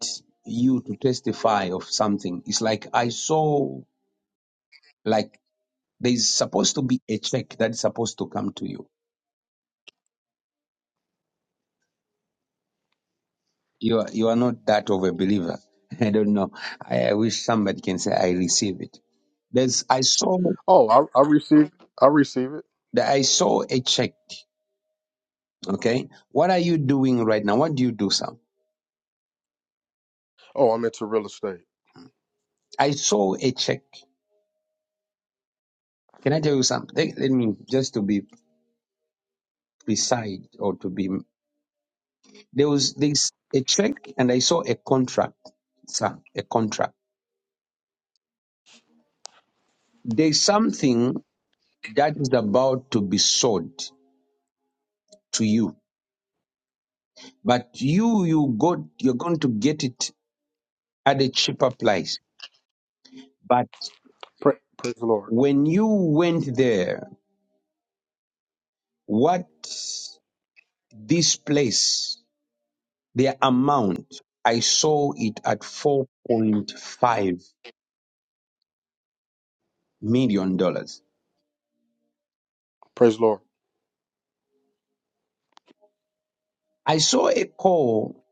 Speaker 1: you to testify of something is like I saw like there's supposed to be a check that's supposed to come to you. You are you are not that of a believer. I don't know. I, I wish somebody can say I receive it. There's I saw
Speaker 4: Oh, I, I receive. I receive it.
Speaker 1: that I saw a check. Okay. What are you doing right now? What do you do, Sam?
Speaker 4: Oh, I'm into real estate.
Speaker 1: I saw a check Can I tell you something? Let me just to be precise or to be there was this a check and I saw a contract, sir, a contract. There's something that is about to be sold to you, but you you got you're going to get it at a cheaper price. But
Speaker 4: Pra- praise the Lord.
Speaker 1: when you went there, what this place, the amount I saw it at four point five million dollars
Speaker 4: Praise the Lord.
Speaker 1: I saw a call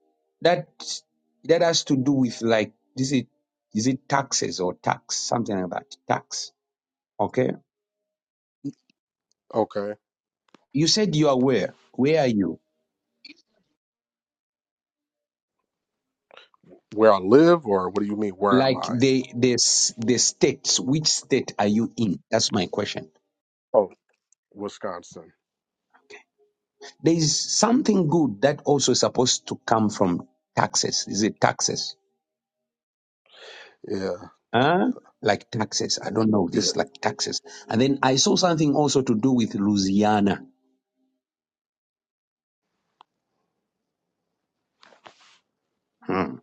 Speaker 1: that that has to do with like is it is it taxes or tax something like that tax okay
Speaker 4: Okay.
Speaker 1: you said you are where where are you
Speaker 4: Where I live, or what do you mean? Where am
Speaker 1: like
Speaker 4: I?
Speaker 1: the the s- the states which state are you in that's my question
Speaker 4: Oh, Wisconsin.
Speaker 1: there is something good that also is supposed to come from taxes is it taxes
Speaker 4: Yeah.
Speaker 1: huh like taxes i don't know
Speaker 4: Yeah.
Speaker 1: this like taxes and then i saw something also to do with louisiana Hmm.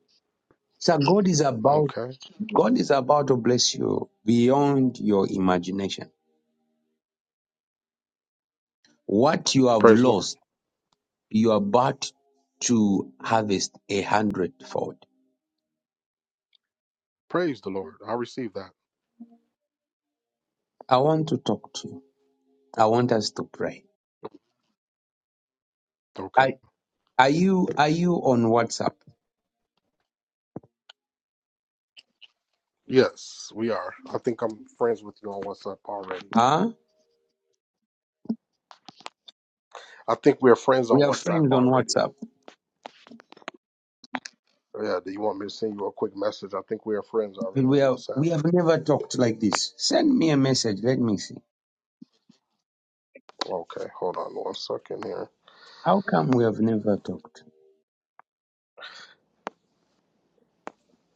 Speaker 1: so god is about
Speaker 4: Okay.
Speaker 1: God is about to bless you beyond your imagination. What you have
Speaker 4: Praise the Lord.
Speaker 1: lost, you are about to harvest a hundredfold.
Speaker 4: Praise the Lord. I receive that.
Speaker 1: I want to talk to you. I want us to pray.
Speaker 4: Okay.
Speaker 1: Are, are you are you on WhatsApp?
Speaker 4: Yes, we are. I think I'm friends with you on WhatsApp already.
Speaker 1: Huh?
Speaker 4: I think we're friends
Speaker 1: We
Speaker 4: on
Speaker 1: are
Speaker 4: WhatsApp
Speaker 1: friends on
Speaker 4: already.
Speaker 1: WhatsApp.
Speaker 4: Yeah. Do you want me to send you a quick message? I think we are friends already
Speaker 1: We
Speaker 4: on
Speaker 1: are
Speaker 4: WhatsApp.
Speaker 1: we have never talked like this. Send me a message. Let me see.
Speaker 4: Okay. Hold on one second here.
Speaker 1: How come we have never talked?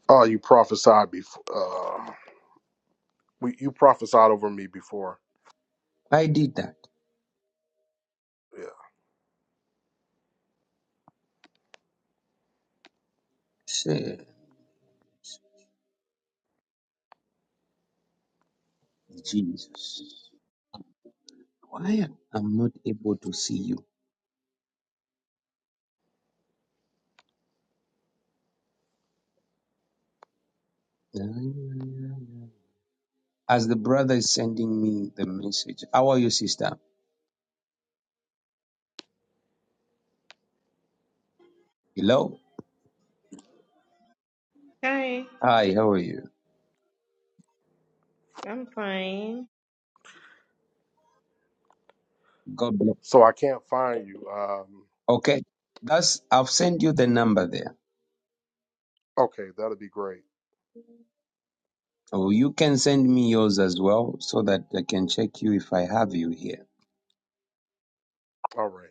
Speaker 4: Oh, you prophesied before. Uh, we, you prophesied over me before.
Speaker 1: I did that.
Speaker 4: Yeah.
Speaker 1: Say, Jesus, why am I not able to see you? as the brother is sending me the message. How are you, sister? Hello?
Speaker 5: Hi,
Speaker 1: Hi, how are you?
Speaker 5: I'm fine.
Speaker 1: God bless.
Speaker 4: So I can't find you. Um,
Speaker 1: Okay. That's I've sent you the number there.
Speaker 4: okay, that'll be great.
Speaker 1: Oh, you can send me yours as well so that I can check you if I have you here.
Speaker 4: All right.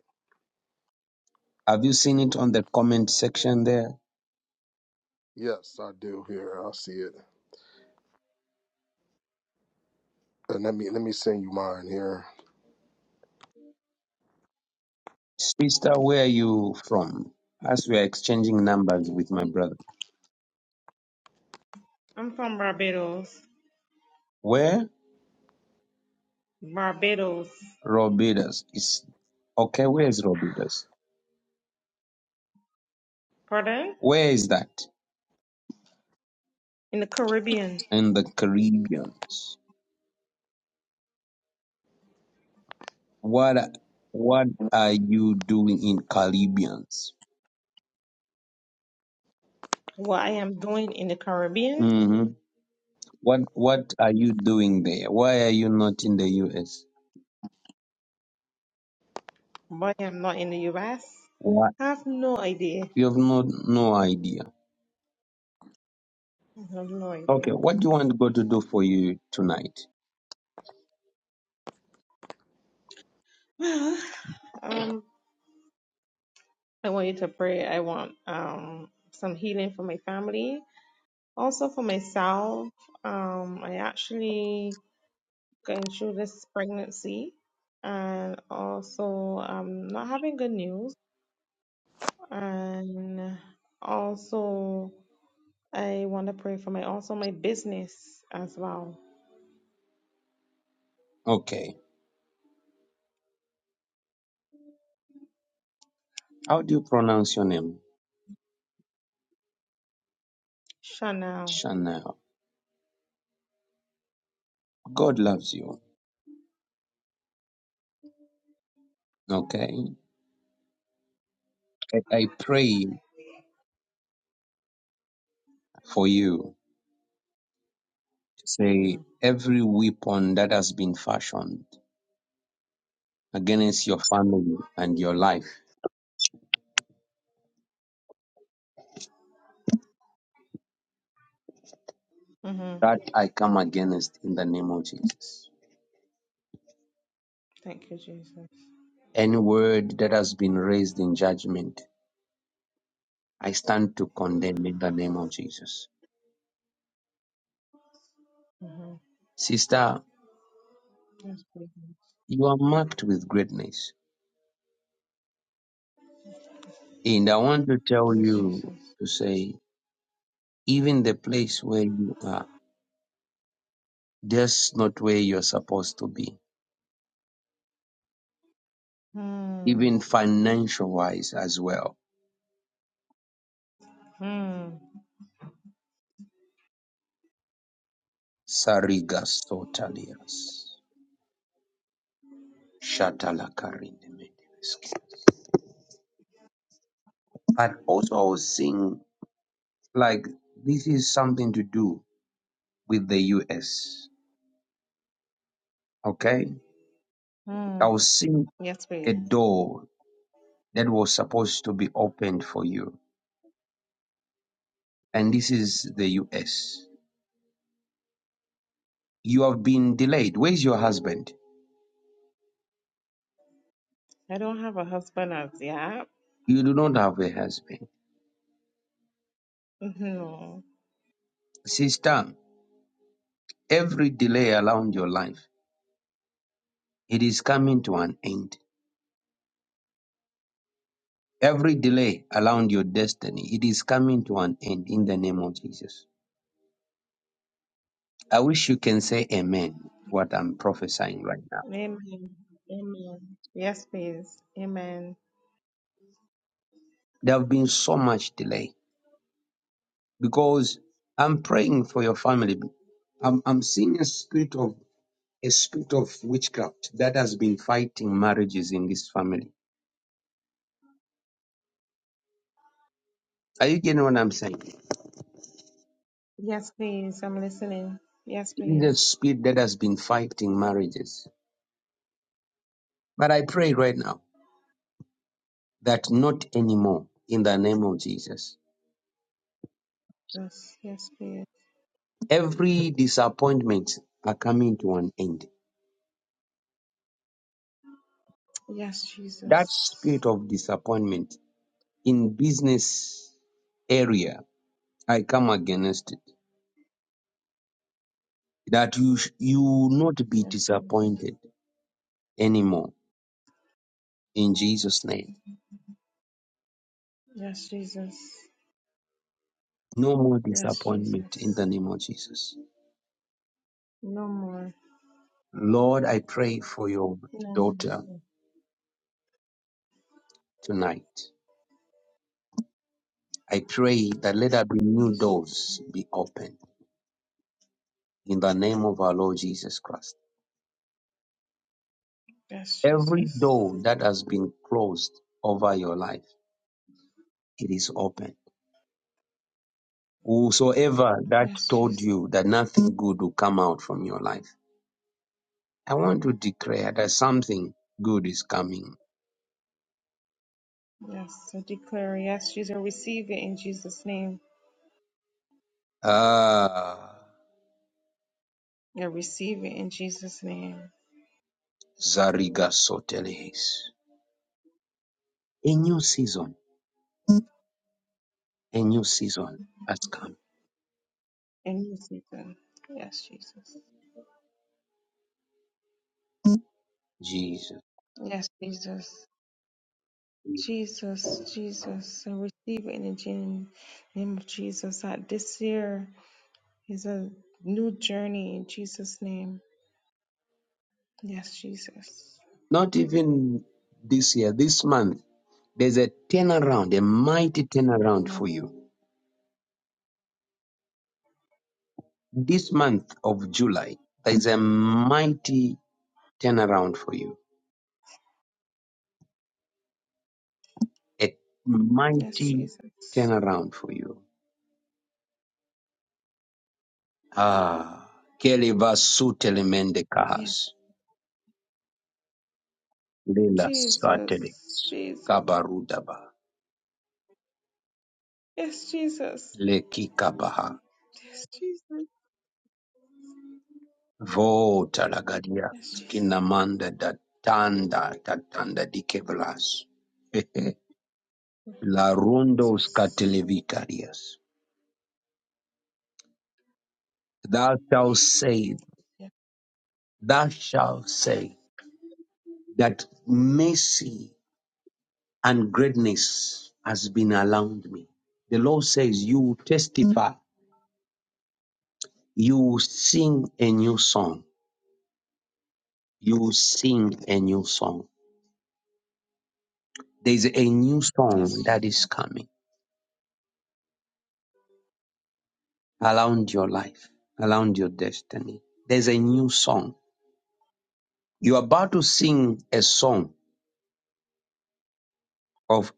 Speaker 1: Have you seen it on the comment section there?
Speaker 4: Yes, I do. Here, I see it. And let me let me send you mine here.
Speaker 1: Sister, where are you from? As we are exchanging numbers with my
Speaker 5: I'm,
Speaker 1: brother.
Speaker 5: I'm from Barbados.
Speaker 1: Where?
Speaker 5: Barbados.
Speaker 1: Robidas. Is okay, where is Robidas?
Speaker 5: Pardon?
Speaker 1: Where is that?
Speaker 5: In the Caribbean.
Speaker 1: In the Caribbean. What what are you doing in Caribbeans?
Speaker 5: What I am doing in the Caribbean,
Speaker 1: hmm What what are you doing there? Why are you not in the US?
Speaker 5: but I am not in the US.
Speaker 1: What
Speaker 5: have no idea.
Speaker 1: you have no no idea.
Speaker 5: I have no idea.
Speaker 1: Okay, what do you want God to do for you tonight?
Speaker 5: Well, um, I want you to pray. I want um some healing for my family, also for myself. Um, I actually going through this pregnancy, and also um not having good news. and also I want to pray for my also my business as well.
Speaker 1: Okay. How do you pronounce your name?
Speaker 5: Chanel.
Speaker 1: Chanel. God loves you. Okay. I, I pray for you. Say
Speaker 5: hmm
Speaker 1: every weapon that has been fashioned against your family and your life.
Speaker 5: hmm
Speaker 1: that I come against in the name of Jesus.
Speaker 5: Thank you, Jesus.
Speaker 1: Any word that has been raised in judgment, I stand to condemn in the name of Jesus.
Speaker 5: hmm
Speaker 1: Sister,
Speaker 5: Yes, please.
Speaker 1: you are marked with greatness. And I want to tell
Speaker 5: Yes,
Speaker 1: you
Speaker 5: Jesus.
Speaker 1: to say, even the place where you are, that's not where you're supposed to be,
Speaker 5: Hmm.
Speaker 1: even financial wise as well.
Speaker 5: Hmm.
Speaker 1: Sarigas totalias. Shatalakarindemedeski. But also I was seeing Like this is something to do with the US. Okay?
Speaker 5: Hmm.
Speaker 1: I was seeing
Speaker 5: Yes,
Speaker 1: a
Speaker 5: please.
Speaker 1: door that was supposed to be opened for you. And this is the US. You have been delayed. Where's your husband?
Speaker 5: I don't have a husband as yet.
Speaker 1: You do not have a husband.
Speaker 5: Mm-hmm. No.
Speaker 1: Sister, every delay around your life, it is coming to an end. Every delay around your destiny, it is coming to an end in the name of Jesus. I wish you can say amen to what I'm prophesying right now.
Speaker 5: Amen. Amen. Yes, please. Amen.
Speaker 1: There have been so much delay because I'm praying for your family. I'm, I'm seeing a spirit of a spirit of witchcraft that has been fighting marriages in this family. Are you getting what I'm saying?
Speaker 5: Yes, please. I'm listening. Yes,
Speaker 1: It is
Speaker 5: please.
Speaker 1: a spirit that has been fighting marriages. But I pray right now that not anymore in the name of Jesus.
Speaker 5: Yes, yes, please.
Speaker 1: Every disappointment are coming to an end.
Speaker 5: Yes,
Speaker 1: That
Speaker 5: Jesus.
Speaker 1: spirit of disappointment in business area, I come against that you sh- you will not be
Speaker 5: Yes, Jesus.
Speaker 1: disappointed anymore in Jesus name
Speaker 5: Yes, Jesus.
Speaker 1: no more
Speaker 5: Yes,
Speaker 1: disappointment
Speaker 5: Jesus.
Speaker 1: in the name of Jesus
Speaker 5: No more.
Speaker 1: lord i pray for your
Speaker 5: No, no, no.
Speaker 1: daughter
Speaker 5: no.
Speaker 1: tonight i pray that let there be new
Speaker 5: Yes,
Speaker 1: doors be opened in the name of our lord jesus christ
Speaker 5: yes,
Speaker 1: every
Speaker 5: Jesus.
Speaker 1: door that has been closed over your life it is open whosoever that
Speaker 5: Yes,
Speaker 1: told
Speaker 5: Jesus.
Speaker 1: you that nothing good will come out from your life i want to declare that something good is coming
Speaker 5: Yes, I declare, yes, Jesus, I receive it in Jesus' name.
Speaker 1: Ah,
Speaker 5: I receive it in Jesus' name.
Speaker 1: Zariga Sotelis. A new season, a new season has come.
Speaker 5: And you see them. Yes, Jesus.
Speaker 1: Jesus.
Speaker 5: Yes, Jesus. Jesus, Jesus. I receive it in the gen- name of Jesus. That this year is a new journey in Jesus' name. Yes, Jesus.
Speaker 1: Not even this year, this month, there's a turnaround, a mighty turnaround for you. This month of July, there's a mighty turnaround for you. A
Speaker 5: Yes,
Speaker 1: mighty
Speaker 5: Jesus.
Speaker 1: turnaround for you. Ah, Keliva Sutelemende
Speaker 5: Yes,
Speaker 1: Kahas. Lila
Speaker 5: Jesus.
Speaker 1: Satelis.
Speaker 5: Jesus.
Speaker 1: Kabarudaba.
Speaker 5: Yes, Jesus.
Speaker 1: Lekikabaha.
Speaker 5: Yes, Jesus.
Speaker 1: Vo talagadia.
Speaker 5: Yes, Jesus.
Speaker 1: Skinamanda da tanda da tanda di kevlas. La rundos catelevicarias. Thou shalt say,
Speaker 5: Yes, yes
Speaker 1: thou shalt say that mercy and greatness has been around me. The Lord says, you will testify, you will sing a new song, you will sing a new song. There's a new song
Speaker 5: yes,
Speaker 1: that is coming around your life, around your destiny. There's a new song. You're about to sing a song of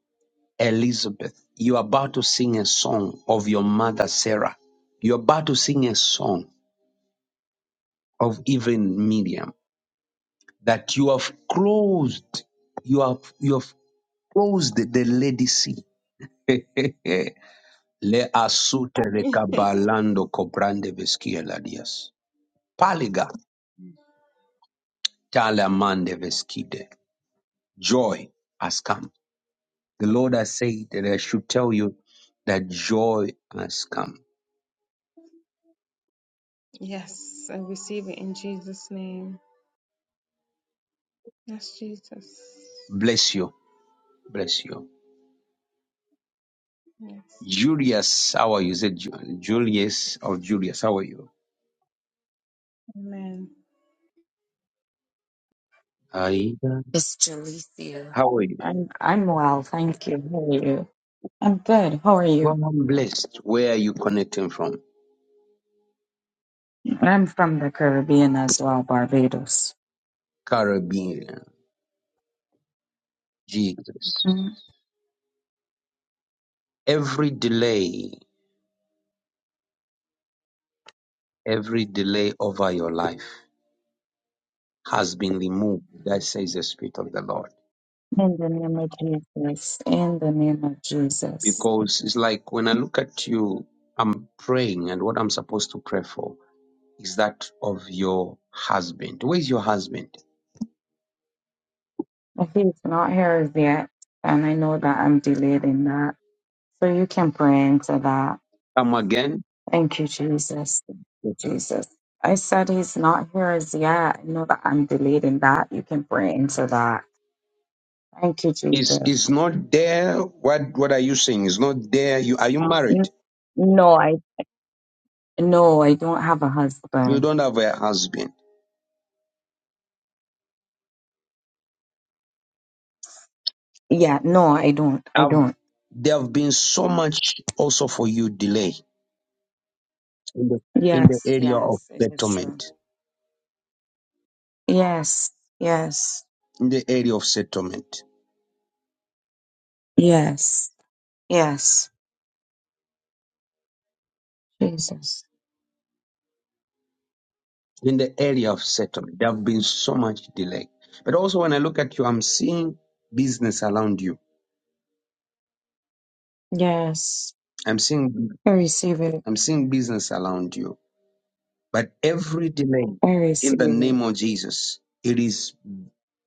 Speaker 1: Elizabeth. You're about to sing a song of your mother, Sarah. You're about to sing a song of even Miriam that you have closed, you have, you have closed the lady sea. Le asute
Speaker 5: Jesus.
Speaker 1: rekabalando cobrande veskia ladias. Paliga talamande veskide. Joy has come The Lord has said that I should tell you that joy has come.
Speaker 5: yes, I receive it in Jesus' name. Yes, Jesus.
Speaker 1: Bless you. Bless you.
Speaker 5: Yes.
Speaker 1: Julius, how are you? Is it Ju- Julius or Julius? How are you?
Speaker 5: Amen.
Speaker 1: Aida,
Speaker 6: It's Jalicia.
Speaker 1: How are you?
Speaker 6: I'm I'm well, thank you. How are you? I'm good. How are you?
Speaker 1: Well, I'm blessed. Where are you connecting from?
Speaker 6: I'm from the Caribbean as well, Barbados.
Speaker 1: Caribbean. Jesus.
Speaker 6: Mm.
Speaker 1: Every delay, every delay over your life has been removed. That says the Spirit of the Lord.
Speaker 6: In the name of Jesus. In the name of Jesus.
Speaker 1: Because it's like when I look at you, I'm praying and what I'm supposed to pray for. is that of your husband. Where is your husband?
Speaker 6: If he's not here as yet, and I know that I'm delayed in that. So you can pray into that.
Speaker 1: Come again.
Speaker 6: Thank you, Jesus. Thank you, Jesus. I said he's not here as yet. I know that I'm delayed in that. You can pray into that. Thank you,
Speaker 1: Is
Speaker 6: Jesus.
Speaker 1: is not there? What what are you saying? Is not there? You are you married?
Speaker 6: N- No, I. No, I don't have a
Speaker 1: You
Speaker 6: husband.
Speaker 1: don't have a husband.
Speaker 6: Yeah, no, I don't. I
Speaker 1: Have
Speaker 6: don't.
Speaker 1: there have been so much also for you delay in the in the
Speaker 6: Yes,
Speaker 1: area of
Speaker 6: yes, it is true.
Speaker 1: settlement.
Speaker 6: Yes, yes,
Speaker 1: In the area of settlement.
Speaker 6: yes, yes. Jesus.
Speaker 1: In the area of settlement. There have been so much delay. But also when I look at you, I'm seeing business around you.
Speaker 6: Yes.
Speaker 1: I'm seeing
Speaker 6: I receive it.
Speaker 1: I'm seeing business around you. But every delay
Speaker 6: I
Speaker 1: in
Speaker 6: receive
Speaker 1: the
Speaker 6: it.
Speaker 1: name of Jesus, it is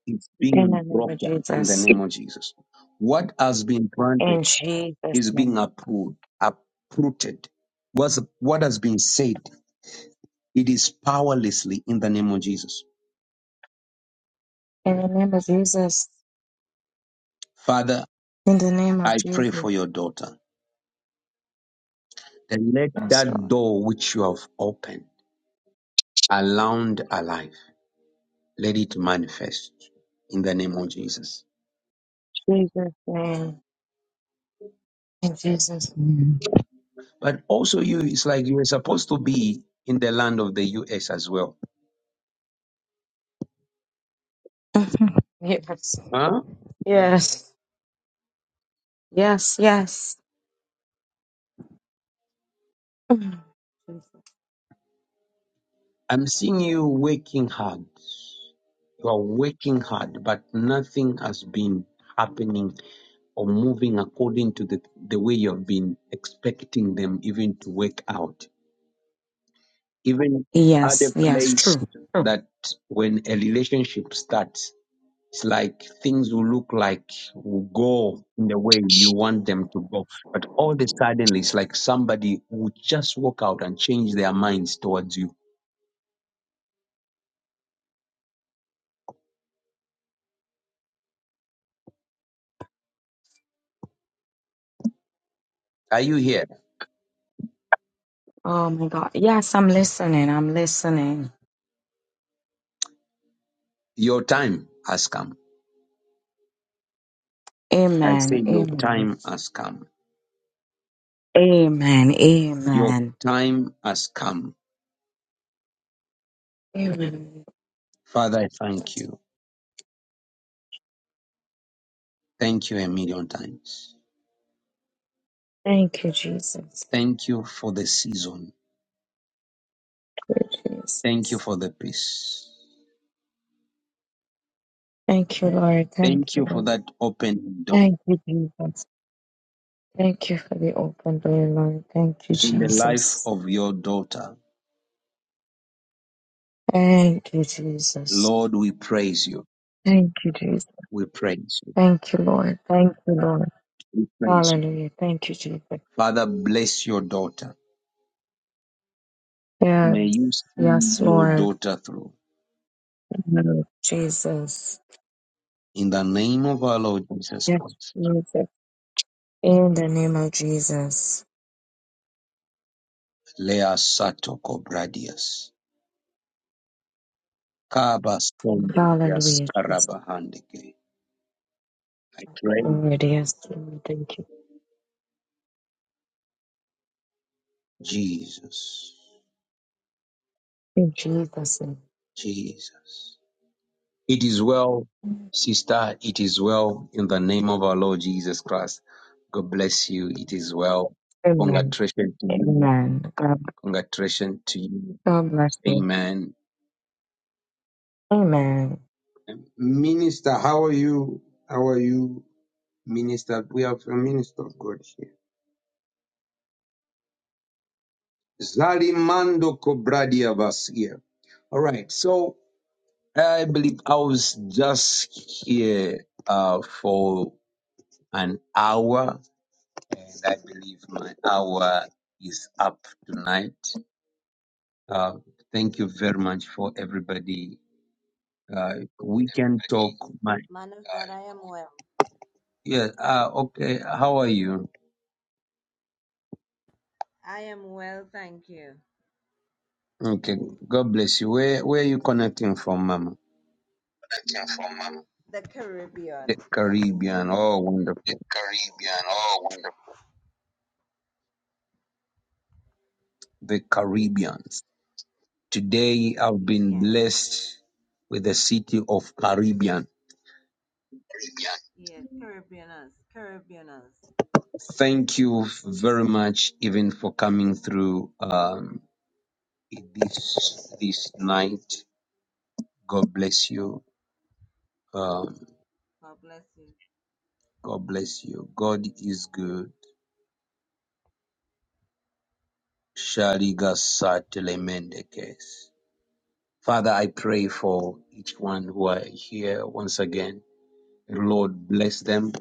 Speaker 1: it's
Speaker 6: In the
Speaker 1: being
Speaker 6: name of
Speaker 1: broken in the
Speaker 6: Jesus.
Speaker 1: name of Jesus. What has been planted
Speaker 6: In Jesus'
Speaker 1: is
Speaker 6: name.
Speaker 1: being approved, uprooted. What's, what has been said, it is powerlessly in the name of Jesus.
Speaker 6: In the name of Jesus.
Speaker 1: Father,
Speaker 6: In the name of
Speaker 1: I
Speaker 6: Jesus.
Speaker 1: pray for your daughter. Then let
Speaker 6: Yes,
Speaker 1: that
Speaker 6: Lord.
Speaker 1: door which you have opened around her life, let it manifest in the name of Jesus.
Speaker 6: Jesus' name. In Jesus' name.
Speaker 1: But also, you, it's like you were supposed to be in the land of the US as well. Huh?
Speaker 6: yes. Yes. Yes. Yes. Mm.
Speaker 1: I'm seeing you working hard. You are working hard, but nothing has been happening or moving according to the, the way you have been expecting them even to work out. Even at a
Speaker 6: Yes, yes,
Speaker 1: place
Speaker 6: true, true.
Speaker 1: that when a relationship starts, It's like things will look like will go in the way you want them to go. But all of a sudden, it's like somebody will just walk out and change their minds towards you. Are you here?
Speaker 6: Oh my God. Yes, I'm listening. I'm listening.
Speaker 1: Your time has come. I say,
Speaker 6: Amen.
Speaker 1: Your
Speaker 6: Amen.
Speaker 1: time has come.
Speaker 6: Amen.
Speaker 1: Your
Speaker 6: Amen.
Speaker 1: time has come.
Speaker 6: Amen.
Speaker 1: Father, I thank you. Thank you a million times.
Speaker 6: Thank you, Jesus.
Speaker 1: Thank you for the season.
Speaker 6: Great Jesus.
Speaker 1: Thank you for the peace.
Speaker 6: Thank you, Lord. Thank
Speaker 1: Thank
Speaker 6: you,
Speaker 1: you for
Speaker 6: Lord.
Speaker 1: that open door
Speaker 6: Thank you, Jesus. Thank you for the open door, Lord. Thank you,
Speaker 1: in the life
Speaker 6: Jesus.
Speaker 1: of your daughter.
Speaker 6: Thank you, Jesus.
Speaker 1: Lord, we praise you.
Speaker 6: Thank you, Jesus.
Speaker 1: We praise you.
Speaker 6: Thank you, Lord. Thank you, Lord.
Speaker 1: We praise you.
Speaker 6: Hallelujah. Thank you, Jesus.
Speaker 1: Father, bless your daughter.
Speaker 6: Yes.
Speaker 1: May you see
Speaker 6: Yes,
Speaker 1: your
Speaker 6: Lord.
Speaker 1: daughter through.
Speaker 6: name Jesus.
Speaker 1: In the name of our Lord Jesus
Speaker 6: Yes,
Speaker 1: Christ.
Speaker 6: Jesus. In the name of Jesus.
Speaker 1: Lea Sato Kobradias. Kaba Sondegas
Speaker 6: Hallelujah, Jesus.
Speaker 1: Karabahandike. I pray,
Speaker 6: Lord, yes, Lord, thank you.
Speaker 1: Jesus.
Speaker 6: In Jesus'
Speaker 1: Jesus. It is well,
Speaker 6: name.
Speaker 1: sister. It is well. In the name of our Lord Jesus Christ. God bless you. It is well.
Speaker 6: Amen.
Speaker 1: Congratulations to you.
Speaker 6: Amen. God,
Speaker 1: Congratulations to you.
Speaker 6: God bless you.
Speaker 1: Amen.
Speaker 6: Amen.
Speaker 1: Minister, how are you? How are you, Minister? We have a minister of God here. Zalimando Kobradia was here. All right. So I believe I was just here uh, for an hour, and I believe my hour is up tonight. Uh, thank you very much for everybody. Uh, we can talk. My
Speaker 7: Uh,
Speaker 1: yeah. Uh, okay. How are you? Okay. God bless you. Where Where are you connecting from, Mama?
Speaker 7: that came from um,
Speaker 1: The Caribbean. Oh,
Speaker 7: the
Speaker 1: wonderful.
Speaker 7: Caribbean, all wonderful
Speaker 1: The Caribbeans. Today I've been blessed with the city of Caribbean.
Speaker 7: Caribbean,
Speaker 1: Thank you very much, even for coming through um, this this night. God bless you. Um, God bless you. God is good. Shaliga Satelemendekes. Father, I pray for each one who are here once again. Lord, bless them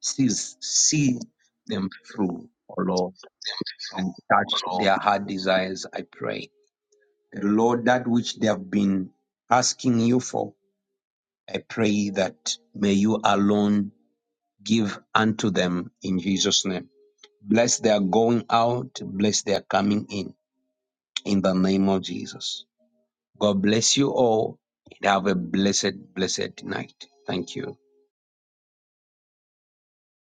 Speaker 1: sees see them through, O Lord,
Speaker 7: them
Speaker 1: and
Speaker 7: through
Speaker 1: touch
Speaker 7: all
Speaker 1: their heart desires, I pray. The Lord, that which they have been asking you for, I pray that may you alone give unto them in Jesus' name. Bless their going out, bless their coming in, in the name of Jesus. God bless you all and have a blessed, blessed night. Thank you.